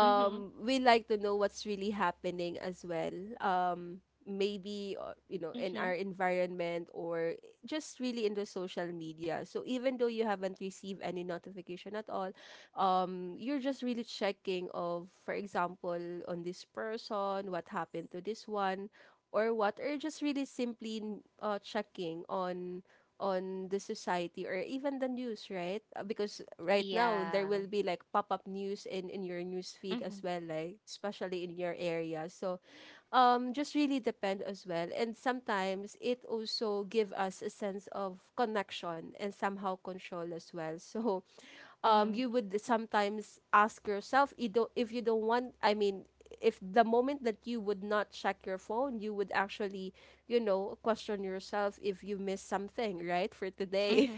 S2: Mhm.
S1: we like to know what's really happening as well. Um, maybe you know, in our
S2: Mhm.
S1: environment or just really in the social media. So even though you haven't received any notification at all, you're just really checking of, for example, on this person, what happened to this one. Or what, or just really simply checking on the society or even the news, right? Because right now there
S2: Yeah.
S1: will be like pop-up news in your news feed
S2: Mhm.
S1: as well, like especially in your area. So, just really depend as well. And sometimes it also give us a sense of connection and somehow control as well. So,
S2: Mhm.
S1: you would sometimes ask yourself, you don't want, I mean, if the moment that you would not check your phone, you would actually, you know, question yourself if you missed something, right, for today.
S2: Mhm.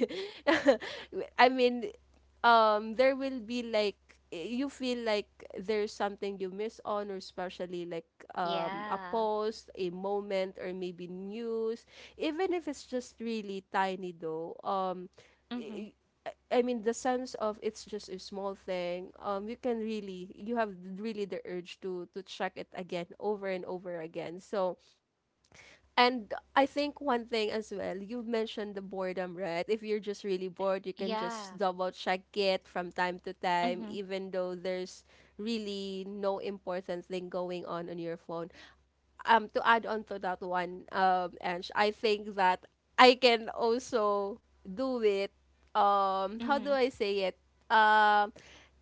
S1: I mean, there will be like, you feel like there's something you miss on, or especially like a
S2: Yeah.
S1: post, a moment, or maybe news, even if it's just really tiny though.
S2: Mhm.
S1: I- I mean the sense of, it's just a small thing. You can really, you have really the urge to check it again over and over again. So and I think one thing as well, you mentioned the boredom, right? If you're just really bored, you can
S2: Yeah.
S1: just double check it from time to time,
S2: Mhm.
S1: even though there's really no important thing going on your phone to add on to that one, and I think that I can also do it. How do
S2: Mhm.
S1: I say it? Um,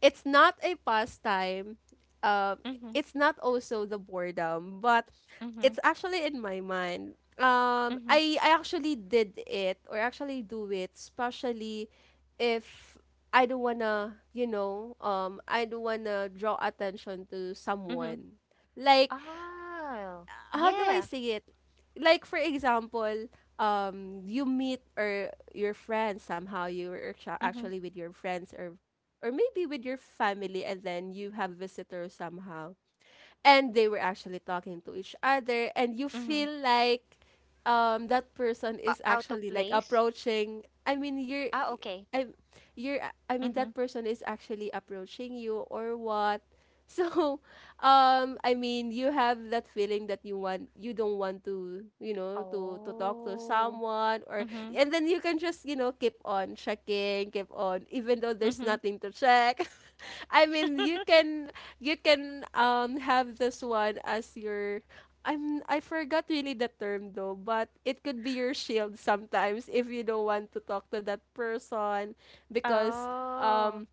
S1: it's not a pastime. Um,
S2: Mhm.
S1: it's not also the boredom, but
S2: Mhm.
S1: it's actually in my mind.
S2: Mhm.
S1: I actually did it or actually do it, especially if I don't wanna, I don't wanna draw attention to
S2: Mhm.
S1: someone. Like
S2: Oh.
S1: how do I
S2: Yeah.
S1: say it? Like for example, you meet or your friends somehow you are
S2: Mhm,
S1: actually with your friends or maybe with your family, and then you have visitors somehow, and they were actually talking to each other and you
S2: mhm.
S1: feel like that person
S2: O
S1: is
S2: out of
S1: actually like
S2: place?
S1: approaching. I mean
S2: Ah, okay.
S1: i you're I mean
S2: Mhm.
S1: that person is actually approaching you or what. So I mean you have that feeling that you want, you don't want to, to talk to
S2: Oh.
S1: someone. Or
S2: Mhm,
S1: and then you can just, you know, keep on checking, keep on even though there's
S2: mhm.
S1: nothing to check. I mean, you can, you can have this one as your, I forgot really the term though, but it could be your shield sometimes if you don't want to talk to that person, because
S2: Oh.
S1: um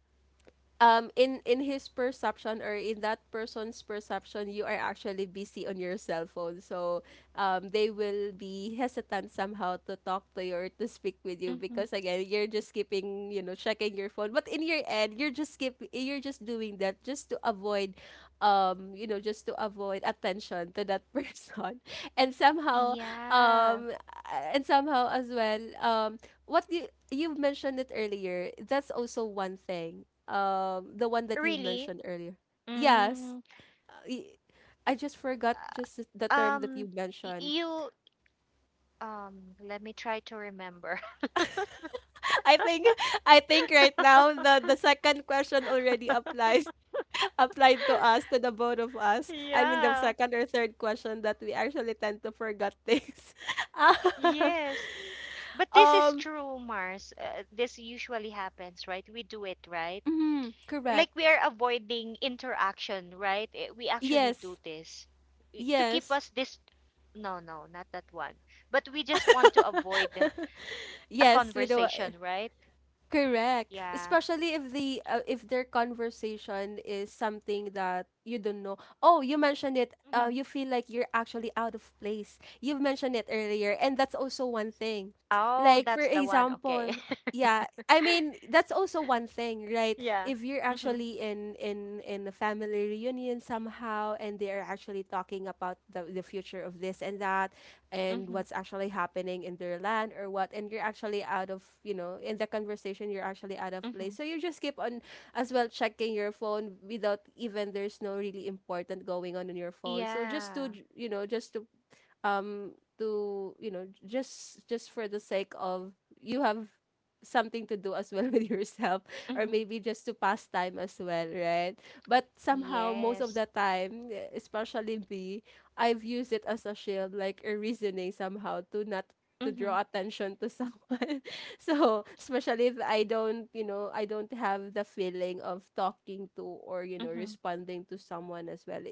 S1: in his perception, or in that person's perception, you are actually busy on your cell phone. So they will be hesitant somehow to talk to you or to speak with you,
S2: Mhm.
S1: because again, you're just keeping, you know, checking your phone. But in your end, you're just keep you're just doing that just to avoid, you know, just to avoid attention to that person. And somehow,
S2: Yeah.
S1: um and somehow as well, what you, you've mentioned it earlier, that's also one thing, the one that you
S2: Really?
S1: mentioned earlier. Yes.
S2: Mm.
S1: Uh, y- I just forgot just the
S2: Uh,
S1: term that
S2: um
S1: you mentioned.
S2: you let me try to remember.
S1: I think, I think right now the second question already applies, applied to us, to the both of us. I mean the
S2: Yeah.
S1: second or third question, that we actually tend to forget things. Ah,
S2: Yes. But this is
S1: um
S2: true, Mars. This usually happens, right? We do it, right?
S1: mhm,
S2: Like
S1: correct.
S2: we are avoiding interaction, right? Eh, we actually do
S1: Yes.
S2: this eh, to keep
S1: Yes.
S2: us this no, no, not that one. But we just want to avoid a
S1: Yes, we do.
S2: conversation, right?
S1: Correct.
S2: Yeah.
S1: Especially if the if their conversation is something that you don't know. Oh, you mentioned it.
S2: Hmm.
S1: You feel like you're actually out of place. You've mentioned it earlier, and that's also one thing.
S2: Oh,
S1: Like for
S2: that's the one. Okay.
S1: example, yeah, I mean that's also one thing, right?
S2: Yeah.
S1: If you're
S2: Mm-hmm.
S1: actually in a family reunion somehow, and they are actually talking about the future of this and that, and
S2: Mm-hmm.
S1: what's actually happening in their land or what, and you're actually out of, you know, in the conversation, you're actually out of
S2: Mm-hmm.
S1: place, so you just keep on as well checking your phone without even, there's no really important going on in your phone. So just to,
S2: Yeah.
S1: you know, just to um to, you know, just for the sake of, you have something to do as well with yourself, or
S2: Mm-hmm.
S1: maybe just to pass time as well, right? But somehow most of
S2: Yes.
S1: the time, especially me, I've used it as a shield, like a reasoning somehow to not to
S2: Mm-hmm.
S1: draw attention to someone. So especially if I don't, you know, I don't have the feeling of talking to, or you know,
S2: Mm-hmm.
S1: responding to someone as well,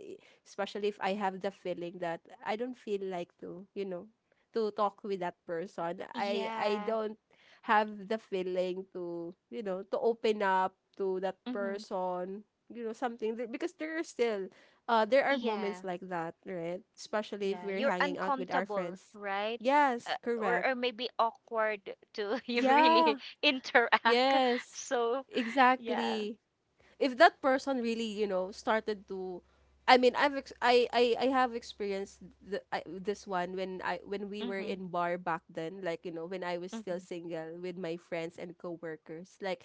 S1: especially if I have the feeling that I don't feel like to, you know, to talk with that person. I
S2: Yeah.
S1: don't have the feeling to, you know, to open up to that
S2: Mm-hmm.
S1: person, you know, something. Because there are still there are
S2: Yeah.
S1: moments like that, right? Especially if
S2: Yeah,
S1: we're
S2: you're
S1: hanging out with our
S2: uncomfortable,
S1: friends.
S2: right? uh,
S1: Yes,
S2: or,
S1: correct.
S2: or maybe awkward to you really
S1: Yeah.
S2: interact,
S1: Yes.
S2: so yeah.
S1: Exactly. If that person really, you know, started to, I mean, I have experienced the, I, this one when I, when we were
S2: Mm-hmm,
S1: in bar back then, like, you know, when I was
S2: mm-hmm,
S1: still single with my friends and coworkers. Like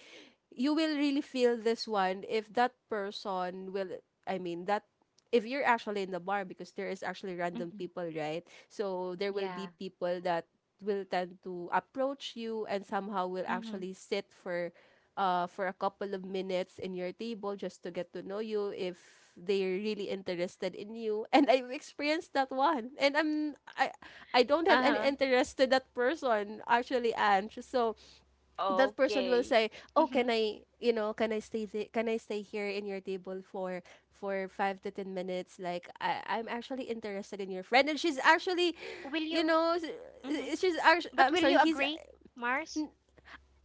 S1: you will really feel this one if that person will, I mean that, if you're actually in the bar, because there is actually random
S2: mm-hmm.
S1: people, right? So there will
S2: Yeah.
S1: be people that will tend to approach you, and somehow will
S2: Mm-hmm.
S1: actually sit for a couple of minutes in your table, just to get to know you, if they're really interested in you. And I've experienced that one, and I don't have any
S2: Uh-huh.
S1: interest to that person actually. And so that person will
S2: Okay.
S1: say, oh, can
S2: Mm-hmm.
S1: I, you know, can I stay can I stay here in your table for 5 to 10 minutes, like I'm actually interested in your friend, and she's actually,
S2: Will
S1: you
S2: you
S1: know,
S2: mm-hmm.
S1: she's actually,
S2: But
S1: I'm
S2: will you
S1: sorry, he's.
S2: agree, Mars?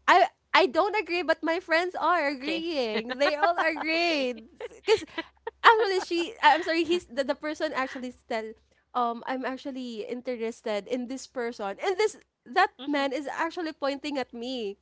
S1: I I don't agree, but my friends are
S2: Okay.
S1: agreeing. They all
S2: Okay.
S1: agree. Because actually, I'm sorry, he's the person actually said, I'm actually interested in this person. And this, that
S2: Mm-hmm.
S1: man is actually pointing at me,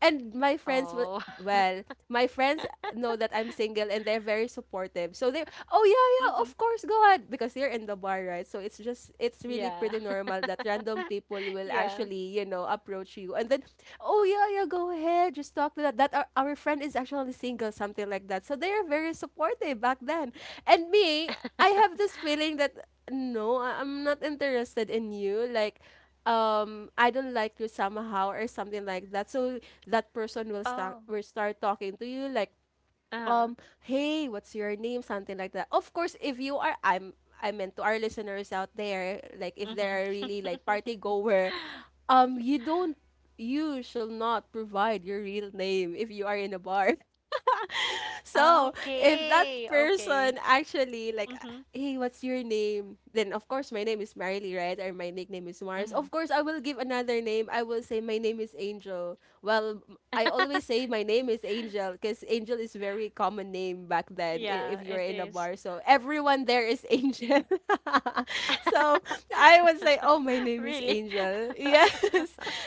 S1: and my friends will,
S2: Oh.
S1: well, my friends know that I'm single and they're very supportive. So they, oh yeah, yeah,
S2: Mm-hmm.
S1: of course, go ahead, because they're in the bar, right? So it's just, it's really
S2: Yeah.
S1: pretty normal that random people will
S2: Yeah.
S1: actually, you know, approach you. And then, oh yeah, yeah, go ahead, just talk to that, that, our friend is actually single, something like that. So they are very supportive back then. And me, I have this feeling that no, I- I'm not interested in you, like I don't like you somehow or something like that. So that person
S2: Oh.
S1: will start talking to you, like
S2: Uh-huh.
S1: hey, what's your name, something like that. Of course if you are, I'm, I meant, to our listeners out there, like if they
S2: Mm-hmm.
S1: are really like party goer, you don't, you shall not provide your real name if you are in a bar. So if that
S2: Okay, okay.
S1: person actually, like,
S2: Mm-hmm.
S1: hey, what's your name? Then of course my name is Marily, right? Or my nickname is Mars.
S2: Mm-hmm.
S1: Of course I will give another name. I will say my name is Angel. Well, I always say my name is Angel because Angel is very common name back then,
S2: Yeah,
S1: if you're
S2: it
S1: in a
S2: is.
S1: bar. So everyone there is Angel. So I would say, oh, my name is
S2: Really.
S1: Angel. Yes.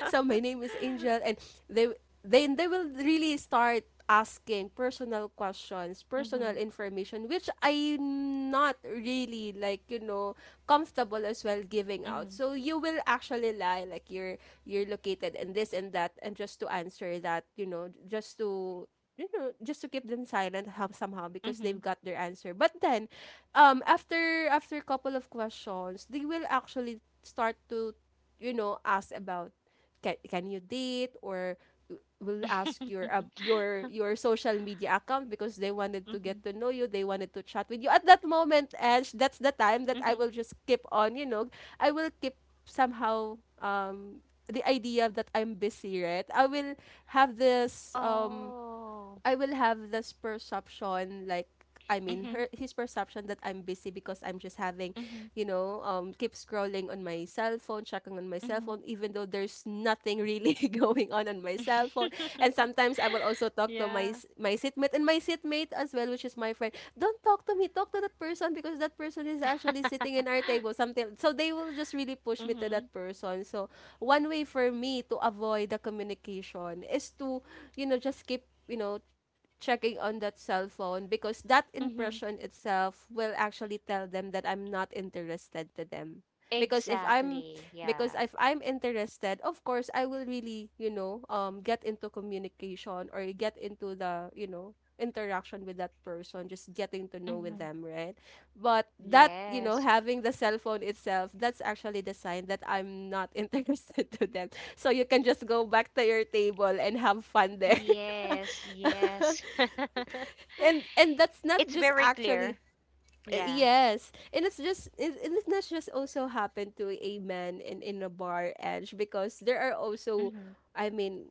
S1: So my name is Angel, and they, then they will really start asking personal questions,
S2: Mm-hmm.
S1: personal information, which I'm not really, like, you know, comfortable as well giving out.
S2: Mm-hmm.
S1: So you will actually lie, like you're located in this and that, and just to answer that, you know, just to, you know, just to keep them silent, how, somehow, because they've
S2: Mm-hmm.
S1: got their answer. But then, after a couple of questions, they will actually start to, you know, ask about can you date, or will ask your social media account, because they wanted to get
S2: Mm-hmm.
S1: to know you, they wanted to chat with you at that moment. And that's the time that I
S2: Mm-hmm.
S1: will just keep on, you know, I will keep somehow the idea that I'm busy, right? I will have this
S2: Oh.
S1: I will have this perception, like, I mean
S2: Mm-hmm.
S1: her, his perception that I'm busy, because I'm just having,
S2: Mm-hmm.
S1: you know, keep scrolling on my cell phone, checking on my cell
S2: Mm-hmm.
S1: phone even though there's nothing really going on my cell phone. And sometimes I will also talk to my
S2: Yeah.
S1: my seatmate, and my seatmate as well, which is my friend. Don't talk to me, talk to that person, because that person is actually sitting in our table, something. So they will just really push me to
S2: Mm-hmm.
S1: that person. So one way for me to avoid the communication is to, you know, just keep, you know, checking on that cell phone, because that
S2: Mm-hmm.
S1: impression itself will actually tell them that I'm not interested to them. Because if I'm,
S2: Exactly.
S1: because
S2: Yeah.
S1: if I'm interested, of course I will really, you know, get into communication, or get into the, you know, interaction with that person, just getting to know with
S2: Mm-hmm.
S1: them, right? But that, you know,
S2: Yes.
S1: having the cell phone itself, that's actually the sign that I'm not interested to them. So you can just go back to your table and have fun there.
S2: Yes. Yes.
S1: And that's not
S2: It's
S1: just
S2: very
S1: actually
S2: clear.
S1: uh,
S2: Yeah.
S1: yes and it's not just also happened to a man in a bar edge, because there are also
S2: Mm-hmm.
S1: i mean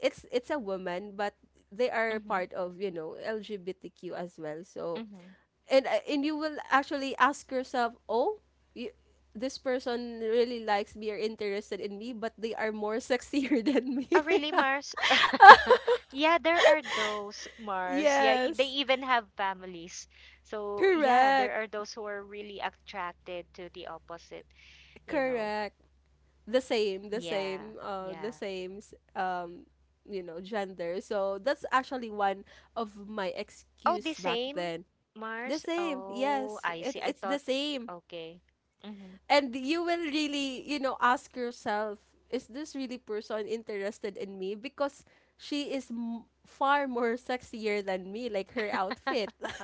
S1: it's a woman, but they are
S2: Mm-hmm.
S1: part of, you know, LGBTQ as well. So
S2: Mm-hmm.
S1: And you will actually ask yourself, oh you, this person really likes me or interested in me, but they are more sexier than
S2: Oh,
S1: me.
S2: really, Mars? Yeah, there are those, Mars. Yeah, they
S1: Yes,
S2: even have families. So, yeah, there
S1: correct,
S2: are those who are really attracted to the opposite, you know.
S1: correct. The same the
S2: Yeah,
S1: same the
S2: yeah.
S1: same s- you know, gender. So that's actually one of my
S2: Oh, the
S1: excuse back
S2: same,
S1: then. The
S2: Mars?
S1: same,
S2: Oh,
S1: yes,
S2: I see. I
S1: it's the
S2: thought,
S1: same.
S2: okay. Mm-hmm.
S1: And you will really, you know, ask yourself, is this really person interested in me because far more sexier than me, like her outfit.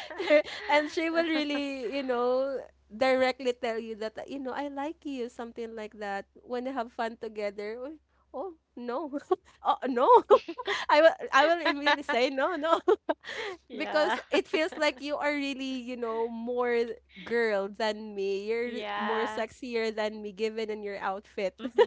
S1: And she will really, you know, directly tell you that, you know, I like you, something like that. When they have fun together, "Uy, oh no, oh no," I will immediately say no, no,
S2: Yeah,
S1: because it feels like you are really, you know, more girl than me. You're more
S2: yeah.
S1: sexier than me, given in your outfit.
S2: Mm-hmm.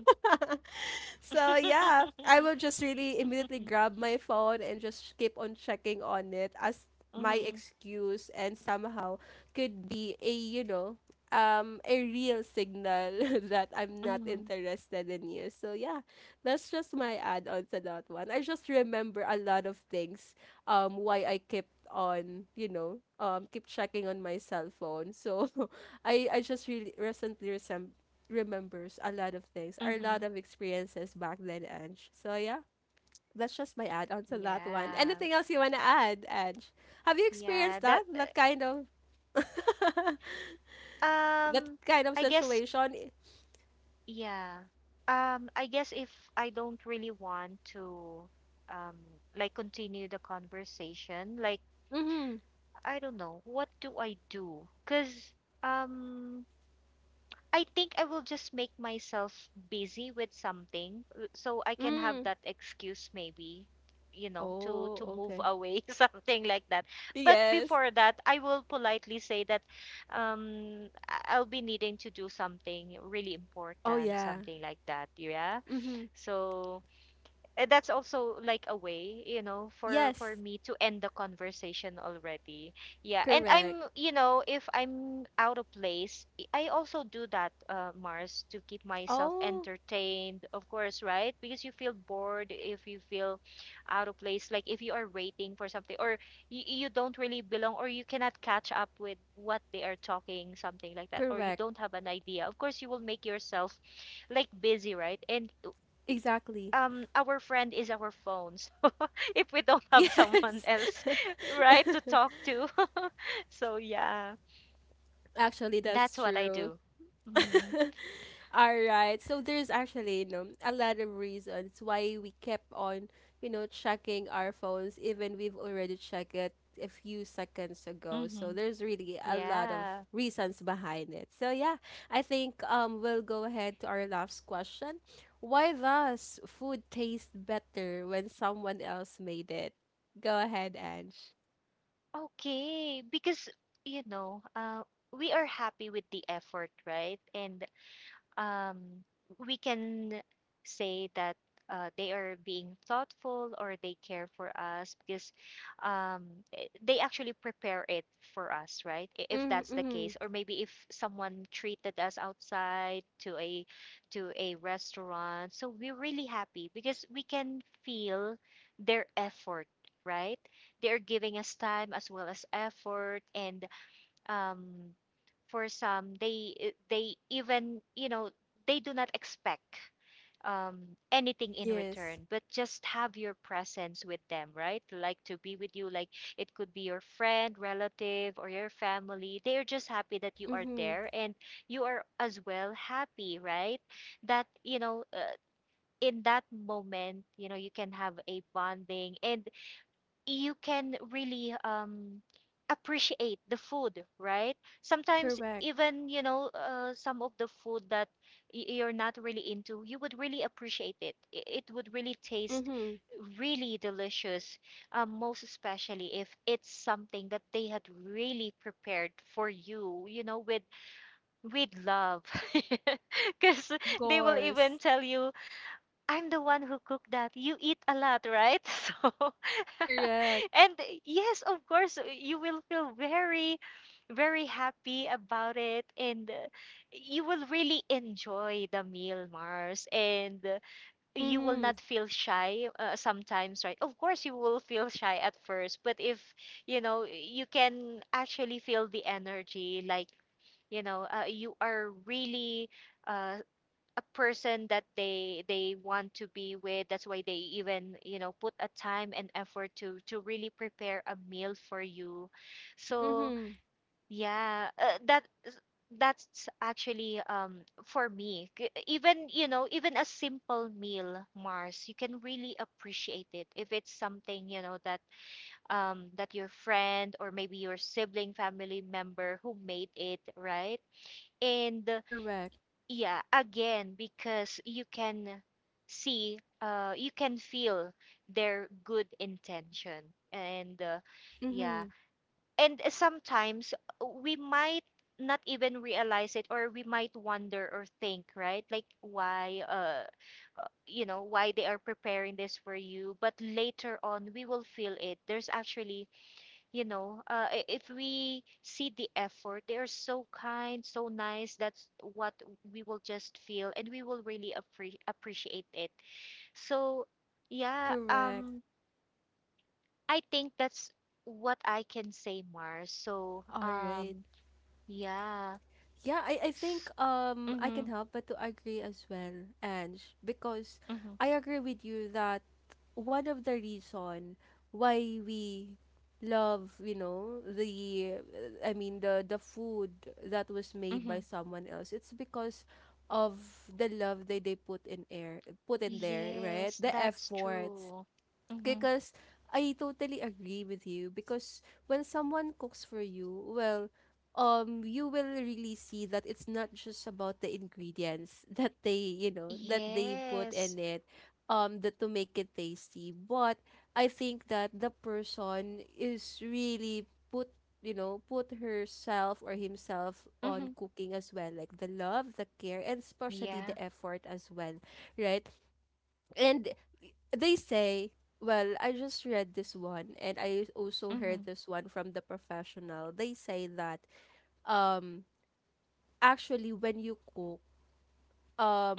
S1: So yeah, I will just really immediately grab my phone and just keep on checking on it as my
S2: Mm-hmm.
S1: excuse, and somehow could be a, a real signal that I'm not
S2: Mm-hmm.
S1: interested in you. So yeah, that's just my add on to that one. I just remember a lot of things, why I kept on, keep checking on my cell phone. So I just really recently remembers a lot of things, or a
S2: Mm-hmm.
S1: lot of experiences back then, Ange. So yeah, that's just my add on to that one.
S2: Yeah.
S1: Anything else you wanna add, Ange? Have you
S2: Yeah,
S1: experienced
S2: that
S1: that? That kind of
S2: uh,
S1: that
S2: um
S1: kind of
S2: I guess
S1: situation?
S2: yeah. I guess if I don't really want to um like continue the conversation, like
S1: Mm-hmm.
S2: I don't know, what do I do? Cause um I think I will just make myself busy with something so I can have
S1: Mm.
S2: that excuse maybe, you know, to
S1: Oh,
S2: move
S1: okay.
S2: away, something like that. But
S1: Yes.
S2: before that, I will politely say that I- I'll be needing to do something really
S1: Oh
S2: important,
S1: yeah.
S2: something like that. Yeah.
S1: Mm-hmm.
S2: So eh, that's also like a way, you know, for
S1: Yes.
S2: me to end the conversation already. Yeah, and
S1: Correct.
S2: I'm, you know, if I'm out of place, I also do that, Mars, to keep myself
S1: Oh,
S2: entertained, of course, right? Because you feel bored if you feel out of place, like if you are waiting for something, or you don't really belong, or you cannot catch up with what they are talking, something like that, or you
S1: correct.
S2: don't have an idea. Of course you will make yourself like busy, right? And
S1: Exactly.
S2: our friend is our phone. So if we don't have someone
S1: Yes.
S2: else, right, to talk to. So yeah,
S1: Actually,
S2: that's
S1: that's
S2: what I
S1: true.
S2: do. Mm-hmm.
S1: All right. So there's actually, you know, a lot of reasons why we kept on, you know, checking our phones even we've already checked it a few seconds ago. So
S2: Mm-hmm.
S1: there's really a lot of
S2: Yeah.
S1: reasons behind it. So yeah, I think we'll go ahead to our last question. Why does food taste better when someone else made it? Go ahead, Ange.
S2: Okay, because, you know, we are happy with the effort, right? And um, we can say that they are being thoughtful, or they care for us because um, eh, they actually prepare it for us, right? I- If that's the
S1: Mm-hmm.
S2: case, or maybe if someone treated us outside to a restaurant, so we're really happy because we can feel their effort, right? They are giving us time as well as effort, and um, for some they even, you know, they do not expect anything in
S1: Yes.
S2: return, but just have your presence with them, right? Like to be with you. Like it could be your friend, relative, or your family. They are just happy that you are
S1: Mm-hmm.
S2: there, and you are as well happy, right? That, you know, in that moment, you know, you can have a bonding, and you can really appreciate the food, right? Sometimes
S1: Correct.
S2: even, you know, some of the food that you're not really into, you would really appreciate it. I- It would really taste
S1: Mm-hmm.
S2: really delicious, most especially if it's something that they had really prepared for you, you know, with love, because
S1: Of
S2: they will
S1: course.
S2: even tell you I'm the one who cooked that. You eat a lot, right? So,
S1: Correct.
S2: and yes, of course, you will feel very, very happy about it. And you will really enjoy the meal, Mars. And you will
S1: Mm-hmm.
S2: not feel shy sometimes, right? Of course, you will feel shy at first. But if, you know, you can actually feel the energy, like, you know, you are really uh, a person that they want to be with. That's why they even, you know, put a time and effort to really prepare a meal for you. So
S1: Mm-hmm.
S2: yeah, that is- that's actually for me K- even, you know, even a simple meal, Mars, you can really appreciate it if it's something, you know, that that your friend or maybe your sibling, family member who made it, right? And
S1: Correct.
S2: yeah, again, because you can see, you can feel their good intention. And yeah,
S1: Mm-hmm.
S2: and sometimes we might not even realize it, or we might wonder or think, right? Like, why, you know, why they are preparing this for you. But later on, we will feel it. There's actually, you know, I- if we see the effort, they are so kind, so nice. That's what we will just feel, and we will really appreciate it. So yeah,
S1: Correct.
S2: I think that's what I can say, Mars. So
S1: All right.
S2: yeah.
S1: Yeah, I think I
S2: Mm-hmm,
S1: can help but to agree as well, Ange, because
S2: mm-hmm,
S1: I agree with you that one of the reason why we love, you know, the, I mean the food that was made
S2: hmm.
S1: by someone else, it's because of the love that they put in air, put in there,
S2: Yes,
S1: right? The
S2: that's
S1: effort.
S2: true. Mm-hmm.
S1: Because I totally agree with you, because when someone cooks for you, well, you will really see that it's not just about the ingredients that they, you know, that they put
S2: Yes.
S1: in it, that to make it tasty. But I think that the person is really put, you know, put herself or himself on
S2: Mm-hmm.
S1: cooking as well, like the love, the care, and especially
S2: Yeah.
S1: the effort as well, right? And they say, well, I just read this one, and I also
S2: Mm-hmm,
S1: heard this one from the professional. They say that um actually when you cook,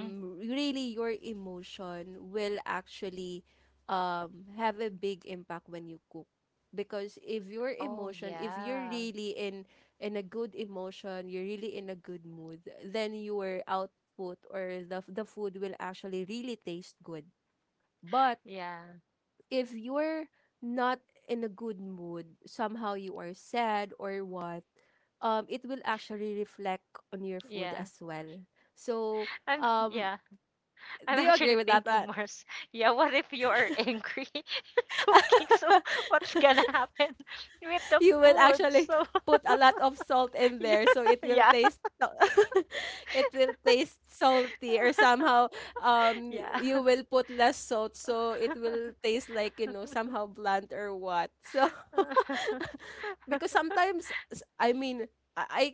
S2: mm-hmm.
S1: really your emotion will actually have a big impact when you cook. Because if your
S2: Oh,
S1: emotion, if you're
S2: yeah.
S1: really in a good emotion, you're really in a good mood, then your output or the food will actually really taste good. But
S2: Yeah.
S1: if you're not in a good mood, somehow you are sad or what, it will actually reflect on your food
S2: Yeah.
S1: as well. So,
S2: I'm
S1: um,
S2: yeah. I'm
S1: do you agree
S2: actually
S1: with that, Ann?
S2: thinking, Mars. Yeah, what if you are angry cooking? So what's gonna happen with the
S1: You will
S2: food?
S1: actually
S2: So
S1: put a lot of salt in there, so it
S2: yeah,
S1: will
S2: yeah,
S1: taste. It will taste salty, or somehow
S2: yeah,
S1: you will put less salt, so it will taste like, you know, somehow blunt or what. So because sometimes, I mean, I I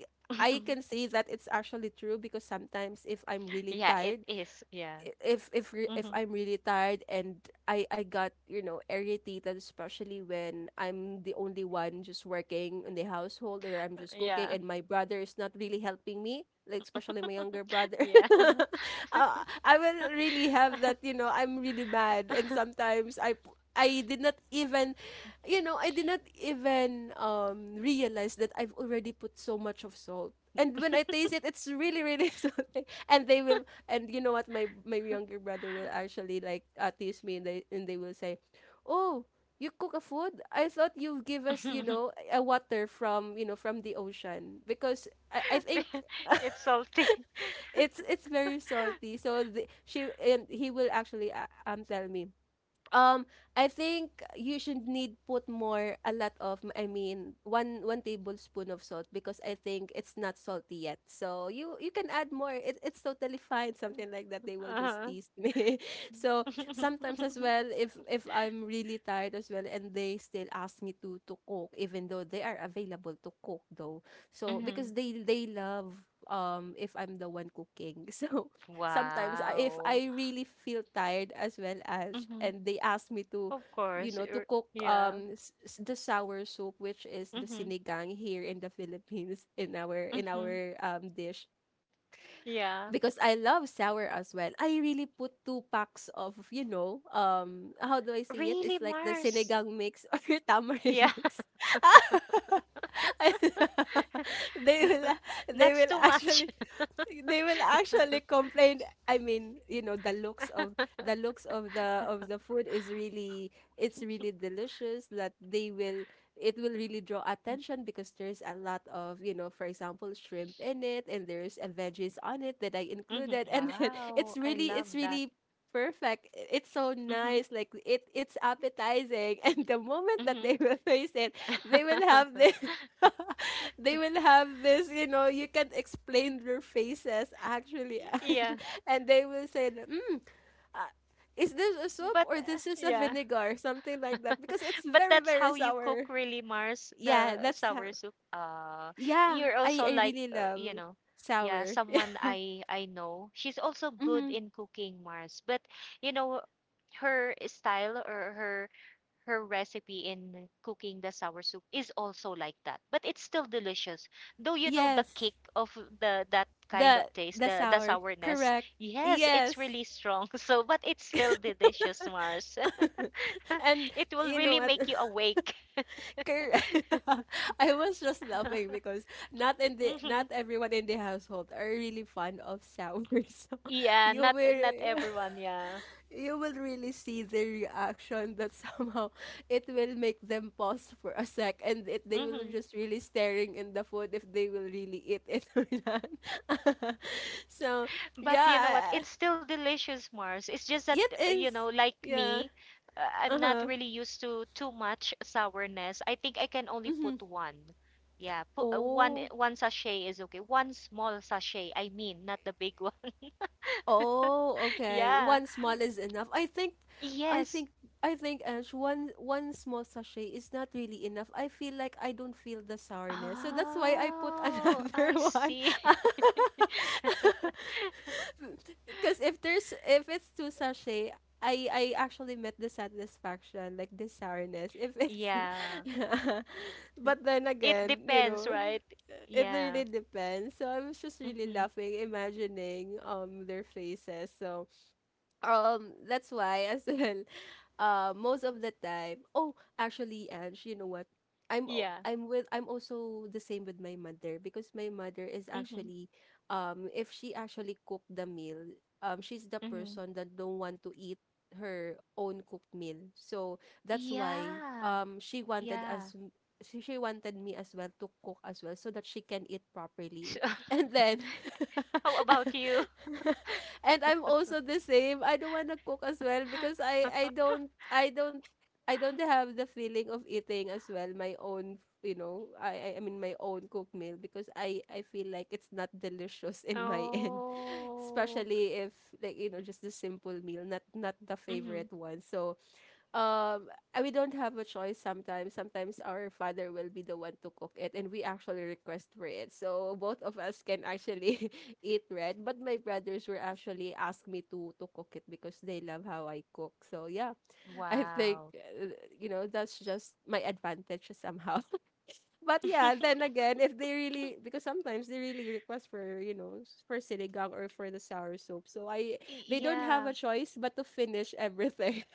S1: I can say that it's actually true, because sometimes if I'm really
S2: yeah. It
S1: tired,
S2: is. Yeah.
S1: if
S2: Hmm.
S1: I'm really tired, and I got, you know, irritated, especially when I'm the only one just working in the household, or I'm just cooking
S2: Yeah.
S1: and my brother is not really helping me, like especially my younger brother,
S2: Yeah.
S1: I will really have that, you know, I'm really mad, and sometimes I did not even, you know, I did not even realize that I've already put so much of salt, and when I taste it, it's really really salty, and they will, and you know what? My younger brother will actually like tease me, and they will say, "Oh, you cook a food? I thought you give us, you know, a water from, you know, from the ocean, because I think."
S2: It's salty.
S1: It's very salty, so she and he will actually tell me, um, I think you should need put more a lot of, I mean, one tablespoon of salt, because I think it's not salty yet. So you can add more. It's totally fine. Something like that. They will just
S2: Uh-huh.
S1: tease me. So sometimes as well, if I'm really tired as well, and they still ask me to cook, even though they are available to cook though. So
S2: Mhm.
S1: because they love if I'm the one cooking. So sometimes, if
S2: Wow.
S1: I really feel tired as well, as
S2: Hmm.
S1: and they ask me to,
S2: Of
S1: you
S2: course.
S1: know, to
S2: You're,
S1: cook,
S2: yeah.
S1: the sour soup, which is the
S2: Hmm.
S1: sinigang here in the Philippines, in our, in
S2: Hmm.
S1: our dish.
S2: Yeah.
S1: Because I love sour as well, I really put two packs of, you know, how do I say it,
S2: Really,
S1: it's like the
S2: Mars?
S1: sinigang mix or
S2: Yeah,
S1: tamarind mix. They will they
S2: that's
S1: will
S2: too much.
S1: actually, they will actually complain, I mean, you know, the looks of, the looks of the, of the food is really, it's really delicious, that they will, it will really draw attention, because there's a lot of, you know, for example, shrimp in it, and there's a veggies on it that I
S2: Mhm.
S1: included, and then it's
S2: Wow, I
S1: really, it's
S2: love that.
S1: really perfect. It's so
S2: Hmm.
S1: nice, like it's appetizing, and the moment that
S2: Hmm.
S1: they will taste it, they will have this they will have this, you know, you can't explain their faces actually. And,
S2: Yeah,
S1: and they will say, that, mm, uh, is this a soup, or this is a
S2: yeah,
S1: vinegar? Something like that. Because it's
S2: but
S1: very,
S2: that's
S1: very
S2: how you cook
S1: sour.
S2: really, Mars,
S1: Yeah,
S2: the
S1: that's
S2: sour
S1: how.
S2: soup.
S1: Yeah,
S2: You're also
S1: I
S2: like,
S1: really
S2: you
S1: love
S2: know, yeah,
S1: sour.
S2: someone
S1: Yeah.
S2: I know. She's also good
S1: Hmm.
S2: in cooking, Mars, but you know, her style or her recipe in cooking the sour soup is also like that, but it's still delicious, though. You know the
S1: Yes,
S2: kick of the that kind of taste,
S1: the
S2: the
S1: sour.
S2: sourness.
S1: Correct.
S2: Yes, it's
S1: Yes.
S2: really strong. So but it's still delicious, Mars.
S1: And
S2: It will
S1: you know
S2: really
S1: what?
S2: make you awake.
S1: Correct. I was just laughing because not
S2: Mhm.
S1: everyone in the household are really fond of sour. So
S2: Yeah,
S1: you
S2: not
S1: will
S2: not everyone, yeah.
S1: you will really see the reaction that somehow it will make them pause for a sec, and they will
S2: Hmm.
S1: just really staring in the food if they will really eat it or not. So
S2: But you know what?
S1: yeah,
S2: It's still delicious, Mars. It's just that,
S1: it
S2: you know,
S1: is.
S2: like
S1: Yeah.
S2: me, I'm
S1: Uh
S2: not
S1: huh.
S2: really used to too much sourness. I think I can only
S1: Mm-hmm.
S2: put one. Yeah, put one eh,
S1: Oh.
S2: one sachet is okay. One small sachet, I mean, not the big one.
S1: Oh, okay.
S2: Yeah.
S1: One small is enough. I
S2: Yes.
S1: think, I think, Ash, one small sachet is not really enough. I feel like I don't feel the sourness, so that's why I put
S2: Oh,
S1: another
S2: I
S1: one.
S2: see.
S1: Because if there's if it's two sachet, I actually met the satisfaction, like the sourness. If it's,
S2: Yeah.
S1: but then
S2: It
S1: again, you
S2: depends,
S1: know,
S2: right?
S1: it
S2: Yeah.
S1: really depends. So I was just really
S2: Mm-hmm.
S1: laughing, imagining their faces. So that's why as well, most of the time, oh actually, Ange, you know what,
S2: Yeah.
S1: I'm also the same with my mother, because my mother is
S2: Mm-hmm.
S1: actually, if she actually cook the meal, she's the
S2: Mm-hmm.
S1: person that don't want to eat her own cooked meal. So that's why
S2: Yeah.
S1: she wanted
S2: Yeah.
S1: us, she wanted me as well to cook as well, so that she can eat properly. And then,
S2: How about you?
S1: and I'm also the same. I don't wanna cook as well because I don't I don't have the feeling of eating as well my own, you know, I mean my own cooked meal, because I feel like it's not delicious in my end,
S2: Oh.
S1: especially if, like, you know, just the simple meal, not not the
S2: Hmm.
S1: favorite one. So um, we don't have a choice sometimes. Sometimes our father will be the one to cook it, and we actually request for it, so both of us can actually eat red. But my brothers were actually ask me to cook it because they love how I cook. So yeah, I think
S2: Wow.
S1: you know, that's just my advantage somehow. But yeah, then again, if they really, because sometimes they really request for, you know, for sinigang or for the sour soup. So I,
S2: Y-
S1: they don't have
S2: Yeah,
S1: a choice but to finish everything.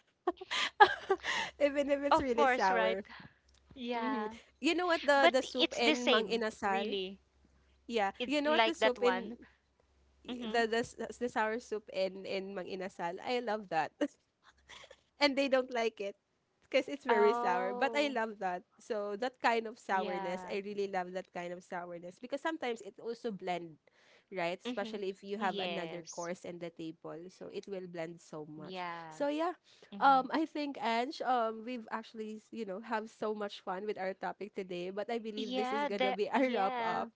S1: Even if it's
S2: of
S1: really
S2: course, right?
S1: sour. Hmm.
S2: Yeah.
S1: You know what,
S2: But
S1: the soup
S2: it's the
S1: in Mang
S2: same,
S1: Inasal?
S2: really.
S1: Yeah,
S2: It
S1: you know what the
S2: like that
S1: soup in
S2: one. Mm-hmm.
S1: the the sour soup in Mang Inasal? I love that. And they don't like it because it's very sour. But I
S2: Oh,
S1: love that. So that kind of sourness,
S2: yeah.
S1: I really love that kind of sourness, because sometimes it also blend, right?
S2: Mm-hmm.
S1: Especially if you have another
S2: Yes.
S1: course in the table, so it will blend so
S2: Yeah.
S1: much. So yeah,
S2: Mm-hmm.
S1: I think, Ange, we've actually, you know, have so much fun with our topic today. But I believe this
S2: Yeah,
S1: is
S2: the
S1: gonna be our wrap
S2: yeah.
S1: up.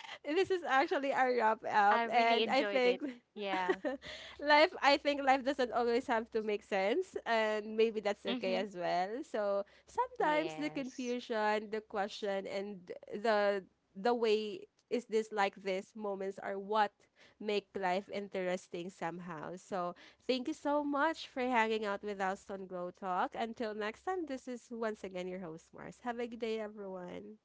S1: This is actually our wrap
S2: I
S1: up,
S2: really
S1: and I
S2: enjoyed it.
S1: think
S2: Yeah.
S1: life, I think life doesn't always have to make sense, and maybe that's
S2: Mm-hmm.
S1: okay as well. So sometimes the
S2: Yes.
S1: confusion, the question, and the the way is this, like this moments are what make life interesting somehow. So thank you so much for hanging out with us on Glow Talk. Until next time, this is once again your host, Mars. Have a good day, everyone.